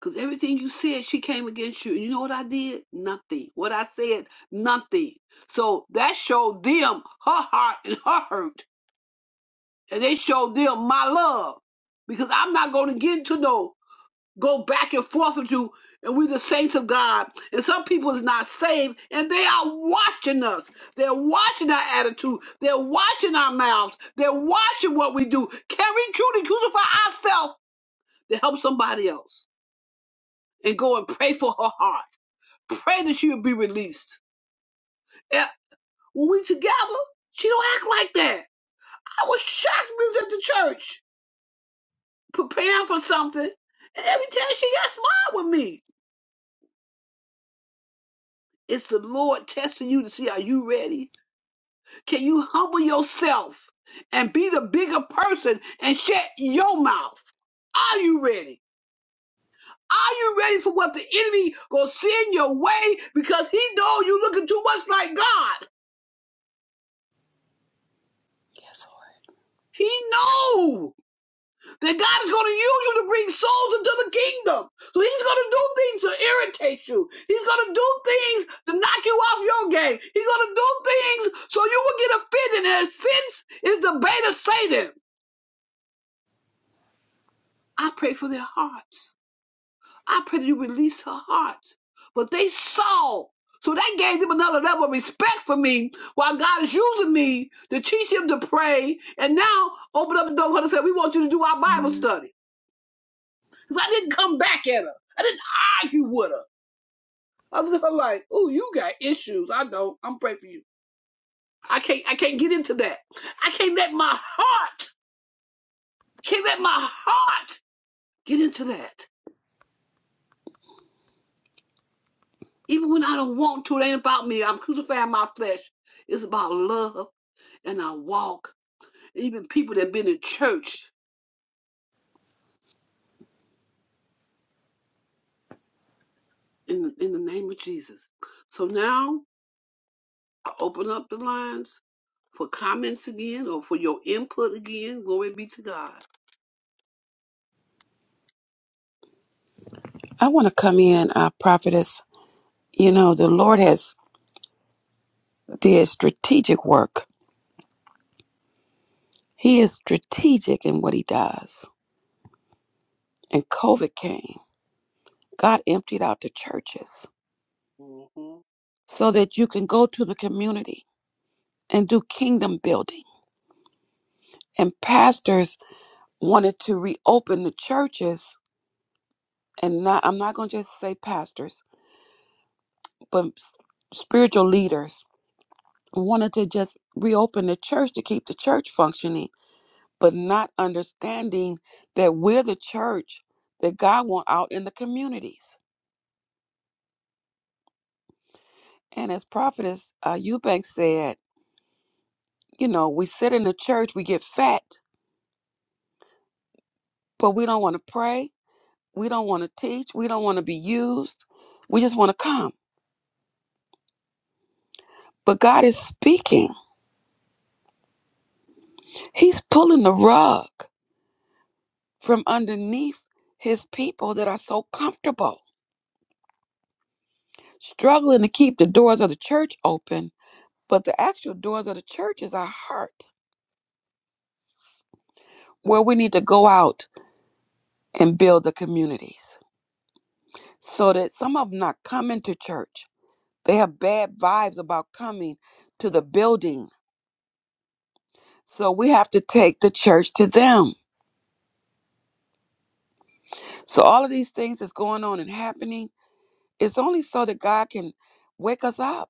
B: Because everything you said, she came against you. And you know what I did? Nothing. What I said, nothing. So that showed them her heart and her hurt. And they showed them my love. Because I'm not going to get into no go back and forth with you, and we the saints of God. And some people is not saved, and they are watching us. They're watching our attitude. They're watching our mouths. They're watching what we do. Can we truly crucify ourselves to help somebody else? And go and pray for her heart. Pray that she will be released. And when we together, she don't act like that. I was shocked when we was at the church preparing for something, and every time she got smart with me. It's the Lord testing you to see are you ready Can you humble yourself and be the bigger person and shut your mouth? Are you ready? Are you ready for what the enemy gonna send your way? Because he know you looking too much like God.
A: yes,
B: He know that God is gonna use you to bring souls into the kingdom. So he's gonna do things to irritate you. He's gonna do things to knock you off your game. He's gonna do things so you will get offended. And offense is the bait of Satan. I pray for their hearts. I pray that you release her heart. But they saw. So that gave them another level of respect for me while God is using me to teach him to pray. And now open up the door for her and say, We want you to do our Bible
A: Lord.
B: study. Because I didn't come back at her. I didn't argue with her. I was just like, oh, you got issues. I don't. I'm praying for you. I can't I can't get into that. I can't let my heart, can't let my heart get into that. Even when I don't want to, it ain't about me. I'm crucifying my flesh. It's about love and our walk, even people that have been in church in in the name of Jesus. So now I open up the lines for comments again or for your input again. Glory be to God.
A: I want to come in, uh, prophetess. You know, the Lord has did strategic work. He is strategic in what he does. And COVID came. God emptied out the churches
B: Mhm,
A: so that you can go to the community and do kingdom building. And pastors wanted to reopen the churches and not I'm not going to just say pastors, but s- spiritual leaders wanted to just reopen the church to keep the church functioning, but not understanding that we're the church that God want out in the communities. And as prophetess uh, Eubanks said, you know, we sit in the church, we get fat, but we don't want to pray, we don't want to teach, we don't want to be used. We just want to come. But God is speaking. He's pulling the rug from underneath his people that are so comfortable, struggling to keep the doors of the church open. But the actual doors of the church is our heart, where we need to go out and build the communities so that some of them not coming to church. They have bad vibes about coming to the building. So we have to take the church to them. So all of these things that's going on and happening, it's only so that God can wake us up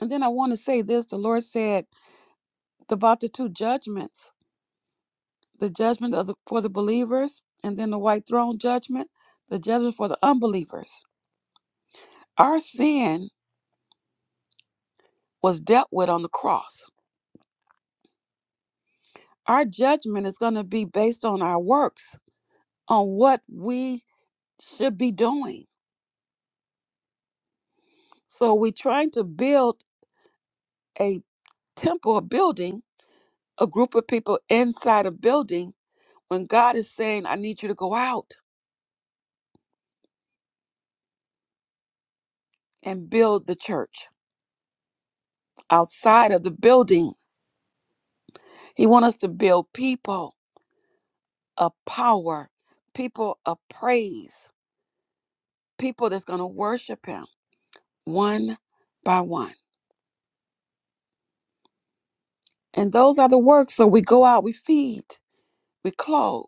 A: And then I want to say this the Lord said about the two judgments the judgment of the, for the believers, and then the white throne judgment, the judgment for the unbelievers. Our sin was dealt with on the cross. Our judgment is going to be based on our works, on what we should be doing. So we're trying to build a temple, a building, a group of people inside a building when God is saying, I need you to go out and build the church outside of the building He wants us to build people of power, people of praise, people that's going to worship Him one by one. And those are the works. So we go out, we feed, we clothe.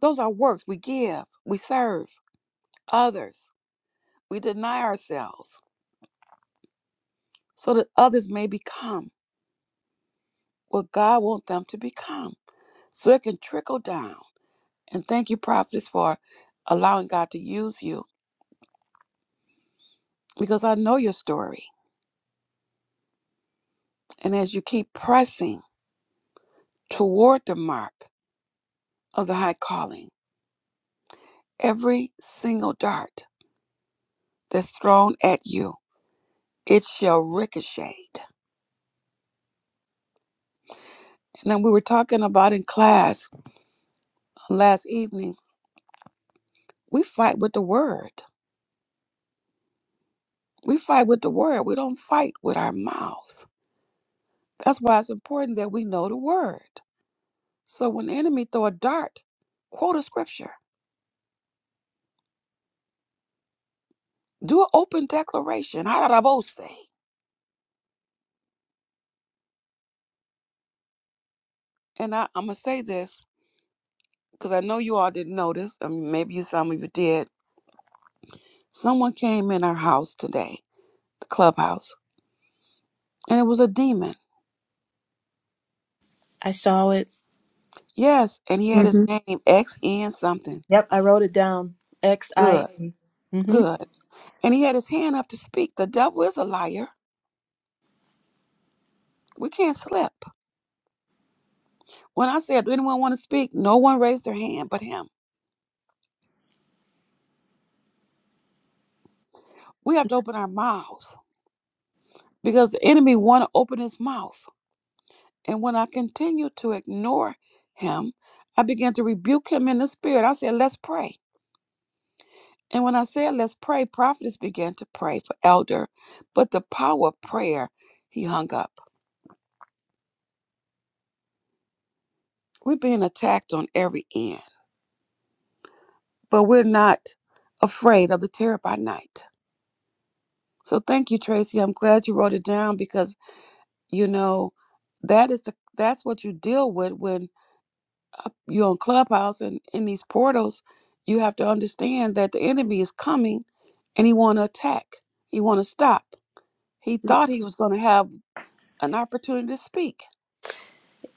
A: Those are works. We give, we serve others, we deny ourselves so that others may become what God wants them to become so it can trickle down. And thank you, prophets, for allowing God to use you because I know your story. And as you keep pressing, toward the mark of the high calling. Every single dart that's thrown at you, it shall ricochet. And then we were talking about in class uh, last evening, we fight with the word. We fight with the word. We don't fight with our mouths. That's why it's important that we know the word. So when the enemy throw a dart, quote a scripture. Do an open declaration. Harabose. And I, I'm going to say this because I know you all didn't notice. I mean, maybe you, some of you did Someone came in our house today, the clubhouse, and it was a demon.
D: I saw it.
A: Yes, and he had his name X N something.
D: Yep, I wrote it down. X I.
A: Good,
D: Mm-hmm.
A: good. And he had his hand up to speak. The devil is a liar. We can't slip. When I said, "Do anyone want to speak?" No one raised their hand but him. We have to open our mouths because the enemy want to open his mouth. And when I continue to ignore him, I began to rebuke him in the spirit. I said, "Let's pray." And when I said, let's pray, prophetess began to pray for elder. But the power of prayer, he hung up. We're being attacked on every end, but we're not afraid of the terror by night. So thank you, Tracy. I'm glad you wrote it down because, you know, that is the that's what you deal with when uh, you're on clubhouse and in these portals you have to understand that the enemy is coming and he want to attack he want to stop he thought he was going to have an opportunity to speak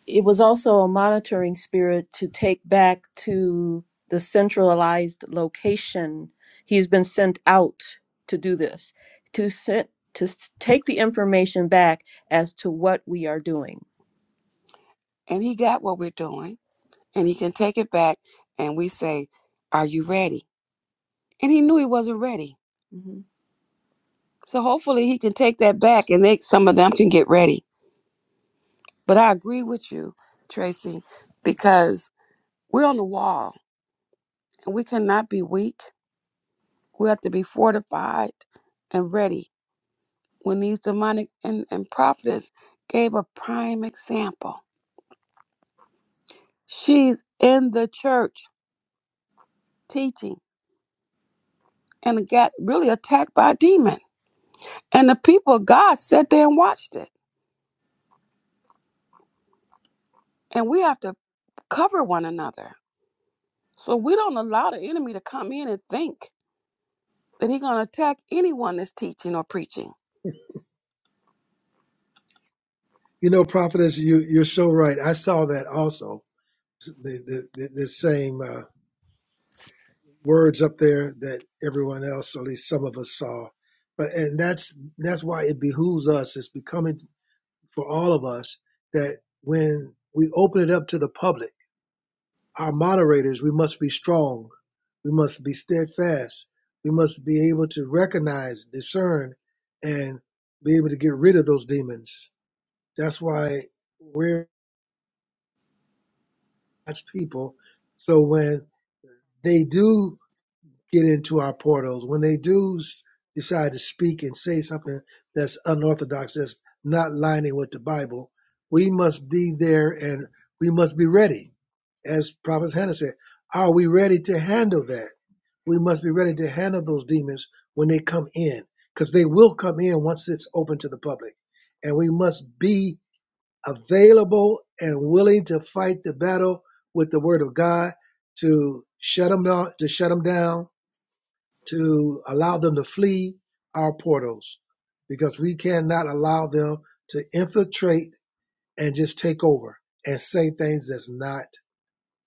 D: It was also a monitoring spirit to take back to the centralized location. He's been sent out to do this, to sent, to s- take the information back as to what we are doing.
A: and he got what we're doing and he can take it back and we say are you ready and he knew he wasn't ready
D: hmm
A: so hopefully he can take that back and they some of them can get ready but i agree with you tracy because we're on the wall and we cannot be weak we have to be fortified and ready when these demonic and, and prophetess gave a prime example she's in the church teaching and got really attacked by demons And the people of God sat there and watched it. And we have to cover one another. So we don't allow the enemy to come in and think that he's going to attack anyone that's teaching or preaching.
C: You know, prophetess, you you're so right. I saw that also. The the, the, the same. Uh, words up there that everyone else, or at least some of us, saw. But and that's that's why it behooves us. It's becoming for all of us that when we open it up to the public, our moderators, we must be strong, we must be steadfast, we must be able to recognize, discern, and be able to get rid of those demons. That's why we're God's people. So when they do get into our portals. When they do s- decide to speak and say something that's unorthodox, that's not lining with the Bible, we must be there and we must be ready. As Prophet Hannah said, are we ready to handle that? We must be ready to handle those demons when they come in, because they will come in once it's open to the public. And we must be available and willing to fight the battle with the word of God to shut them down, to shut them down, to allow them to flee our portals because we cannot allow them to infiltrate and just take over and say things that's not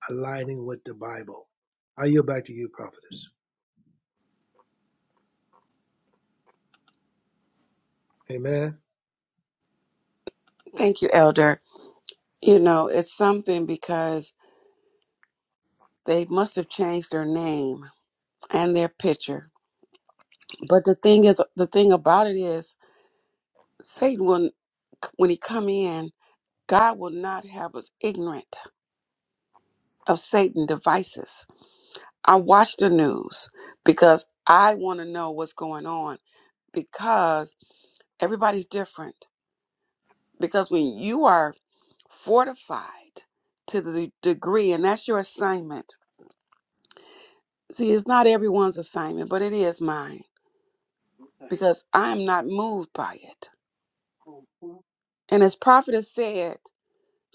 C: aligning with the Bible. I yield back to you, prophetess. Amen.
A: Thank you, Elder. You know, it's something because they must have changed their name and their picture. But the thing is, the thing about it is, Satan will, when he come in, God will not have us ignorant of Satan devices. I watch the news because I want to know what's going on because everybody's different. Because when you are fortified to the degree, and that's your assignment, see, it's not everyone's assignment, but it is mine
B: okay.
A: because I am not moved by it.
B: Mhm,
A: And as Prophetess said,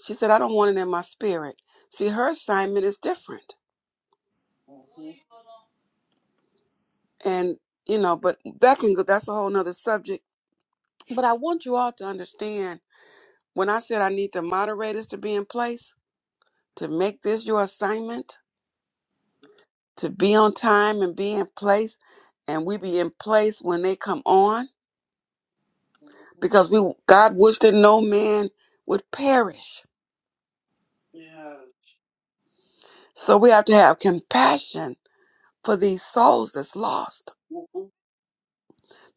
A: she said, I don't want it in my spirit. See, her assignment is different.
B: mhm,
A: And, you know, but that can go, that's a whole nother subject. But I want you all to understand when I said I need the moderators to be in place to make this your assignment, to be on time and be in place and we be in place when they come on
B: mhm.
A: because we god wished that no man would perish
B: Yes.
A: so we have to have compassion for these souls that's lost
B: Mhm,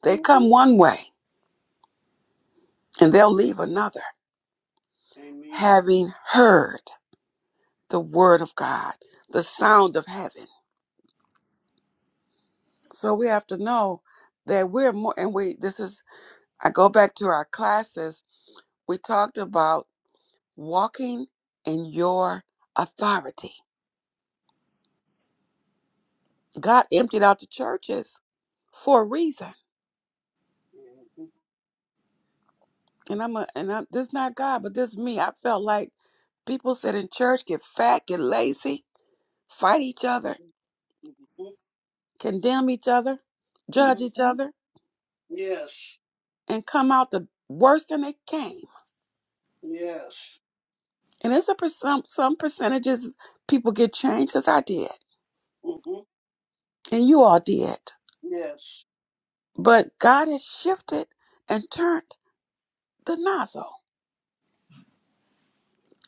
A: they
B: mhm.
A: come one way and they'll leave another
B: Amen.
A: having heard the word of god the sound of heaven so we have to know that we're more and we this is i go back to our classes we talked about walking in your authority God emptied out the churches for a reason. And I'm a, and I'm, this not God, but this me. I felt like people sit in church, get fat, get lazy, fight each other, condemn each other, judge each
B: Mhm.
A: other,
B: Yes.
A: and come out the worse than they came.
B: Yes.
A: And it's a per- some some percentages people get changed because I did,
B: Mhm.
A: and you all did.
B: Yes.
A: But God has shifted and turned the nozzle.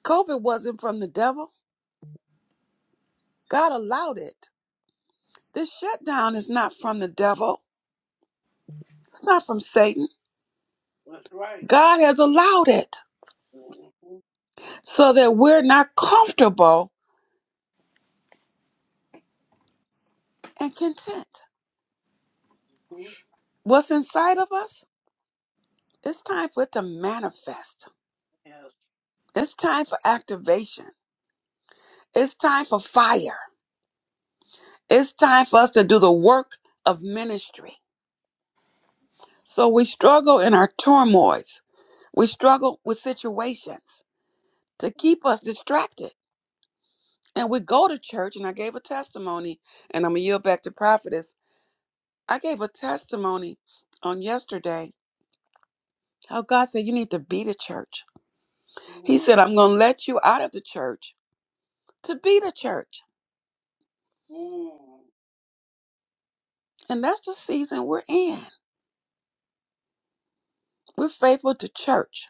A: COVID wasn't from the devil. God allowed it. This shutdown is not from the devil. It's not from Satan.
B: That's right.
A: God has allowed it
B: Mhm.
A: so that we're not comfortable and content.
B: Mhm.
A: What's inside of us? It's time for it to manifest.
B: Yes.
A: It's time for activation. It's time for fire. It's time for us to do the work of ministry. So we struggle in our turmoils. We struggle with situations to keep us distracted. And we go to church, and I gave a testimony, and I'm going to yield back to prophetess. I gave a testimony on yesterday How God said, You need to be the church. He
B: Mm.
A: said, I'm going to let you out of the church to be the church.
B: Mm.
A: And that's the season we're in. We're faithful to church,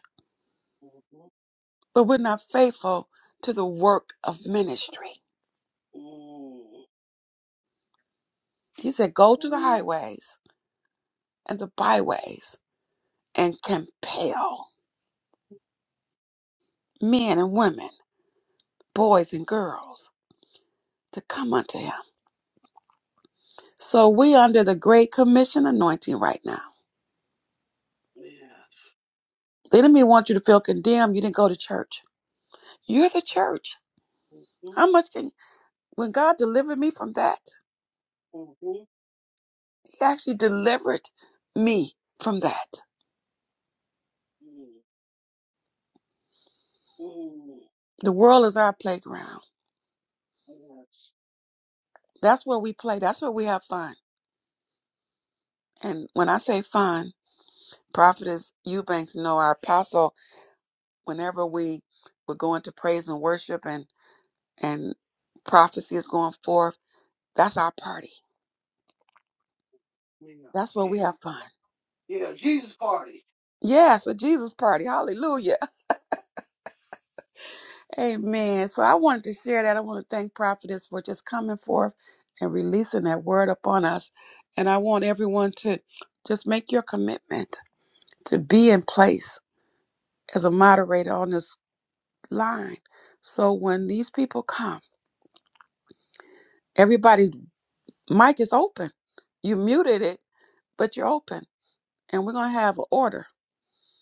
B: Mhm.
A: but we're not faithful to the work of ministry.
B: Mm.
A: He said, Go to the
B: Mm.
A: highways and the byways and compel men and women, boys and girls to come unto him. So we under the Great Commission anointing right now.
B: Yes.
A: The enemy wants you to feel condemned. You didn't go to church. You're the church.
B: Mhm.
A: How much can when God delivered me from that,
B: Mhm.
A: He actually delivered me from that.
B: Mm. Mm.
A: The world is our playground.
B: Yes.
A: That's where we play. That's where we have fun. And when I say fun, Prophetess Eubanks, you know, our apostle, whenever we would go into praise and worship and, and prophecy is going forth, that's our party.
B: Yeah.
A: That's where we have
B: Jesus.
A: fun.
B: Yeah. Jesus party.
A: Yes, a Jesus party. Hallelujah. Amen. So I wanted to share that. I want to thank Prophetess for just coming forth and releasing that word upon us. And I want everyone to just make your commitment to be in place as a moderator on this line. So when these people come, everybody's mic is open. You muted it, but you're open. And we're going to have an order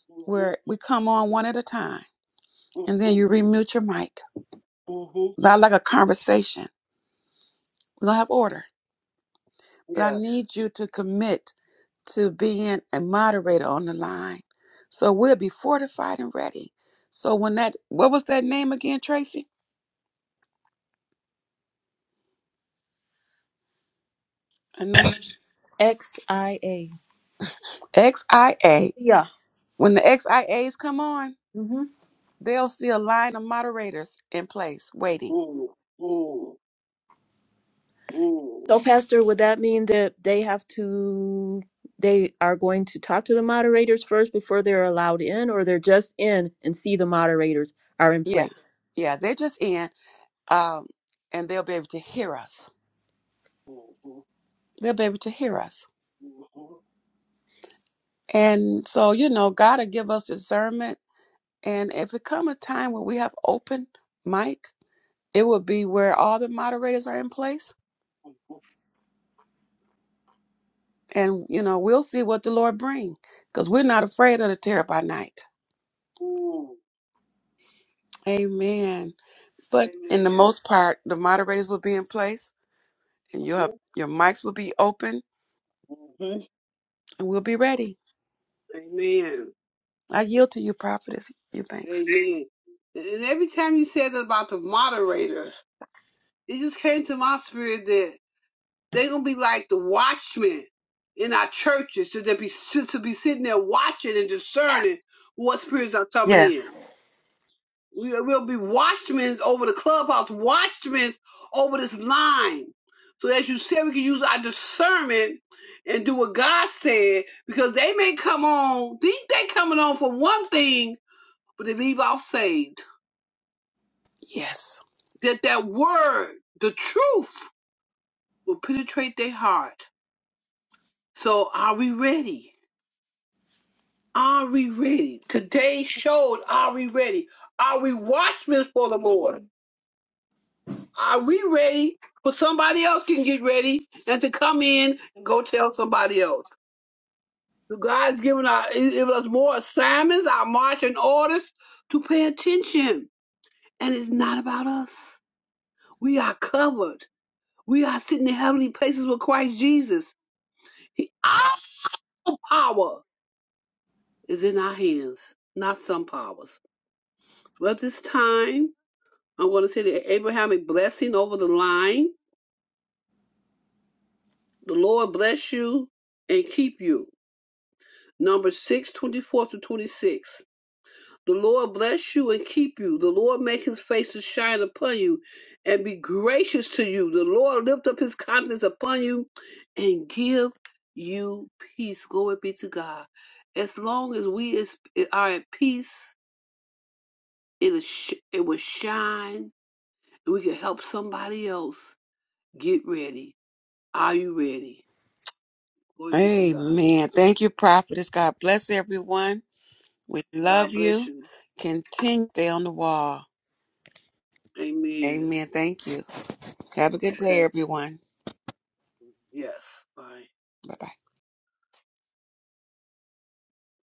B: Mhm.
A: where we come on one at a time.
B: Mhm.
A: And then you remute your mic.
B: Mhm.
A: Not like a conversation. We're going to have order. But I
B: Yes.
A: need you to commit to being a moderator on the line. So we'll be fortified and ready. So when that what was that name again, Tracy? I know she
D: XIA.
A: XIA.
D: Yeah.
A: When the XIAs come on, they'll see a line of moderators in place waiting.
B: Mm. Mm. Mm.
D: So, Pastor, would that mean that they have to, they are going to talk to the moderators first before they're allowed in, or they're just in and see the moderators are in
A: Yeah.
D: place?
A: Yeah. They're just in. Um, and they'll be able to hear us. They'll be able to hear us.
B: Mhm.
A: And so, you know, God'll give us discernment. And if it come a time where we have open mic, it will be where all the moderators are in place
B: Mhm.
A: and you know we'll see what the lord bring because we're not afraid of the terror by night
B: Ooh,
A: amen but in the
B: amen.
A: most part the moderators will be in place and you have your mics will be open
B: hmm
A: and we'll be ready
B: Amen.
A: i yield to you prophetess eubanks
B: Amen. And and every time you said that about the moderator, it just came to my spirit that they're gonna be like the watchmen in our churches, to be to be sitting there watching and
A: yes
B: discerning what spirits are coming in.
A: yes
B: We will be watchmen over the clubhouse, watchmen over this line. So as you said, we can use our discernment and do what God said, because they may come on, think they coming on for one thing, but they leave out saved.
A: Yes.
B: That that word, the truth, will penetrate their heart. So are we ready? Are we ready? Today showed, are we ready? Are we watchmen for the Lord? Are we ready for somebody else can get ready and to come in and go tell somebody else? So God's given our he's given us more assignments, our marching orders to pay attention. And it's not about us. We are covered. We are sitting in heavenly places with Christ Jesus. He, our power is in our hands, not some powers. Well, at this time, I want to say the Abrahamic blessing over the line. The Lord bless you and keep you. Number 624 to 26. The Lord bless you and keep you. The Lord make his face to shine upon you and be gracious to you. The Lord lift up his countenance upon you and give you peace. Glory be to God. As long as we is, are at peace, it, sh- it will shine and we can help somebody else get ready. Are you ready? Glory be to God.
A: amen thank you prophetess god bless everyone we love
B: God bless
A: you
B: you.
A: continue to stay on the wall
B: Amen.
A: amen thank you have a good day
B: Okay.
A: everyone
B: Yes. Bye.
A: bye-bye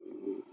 B: Mm-hmm.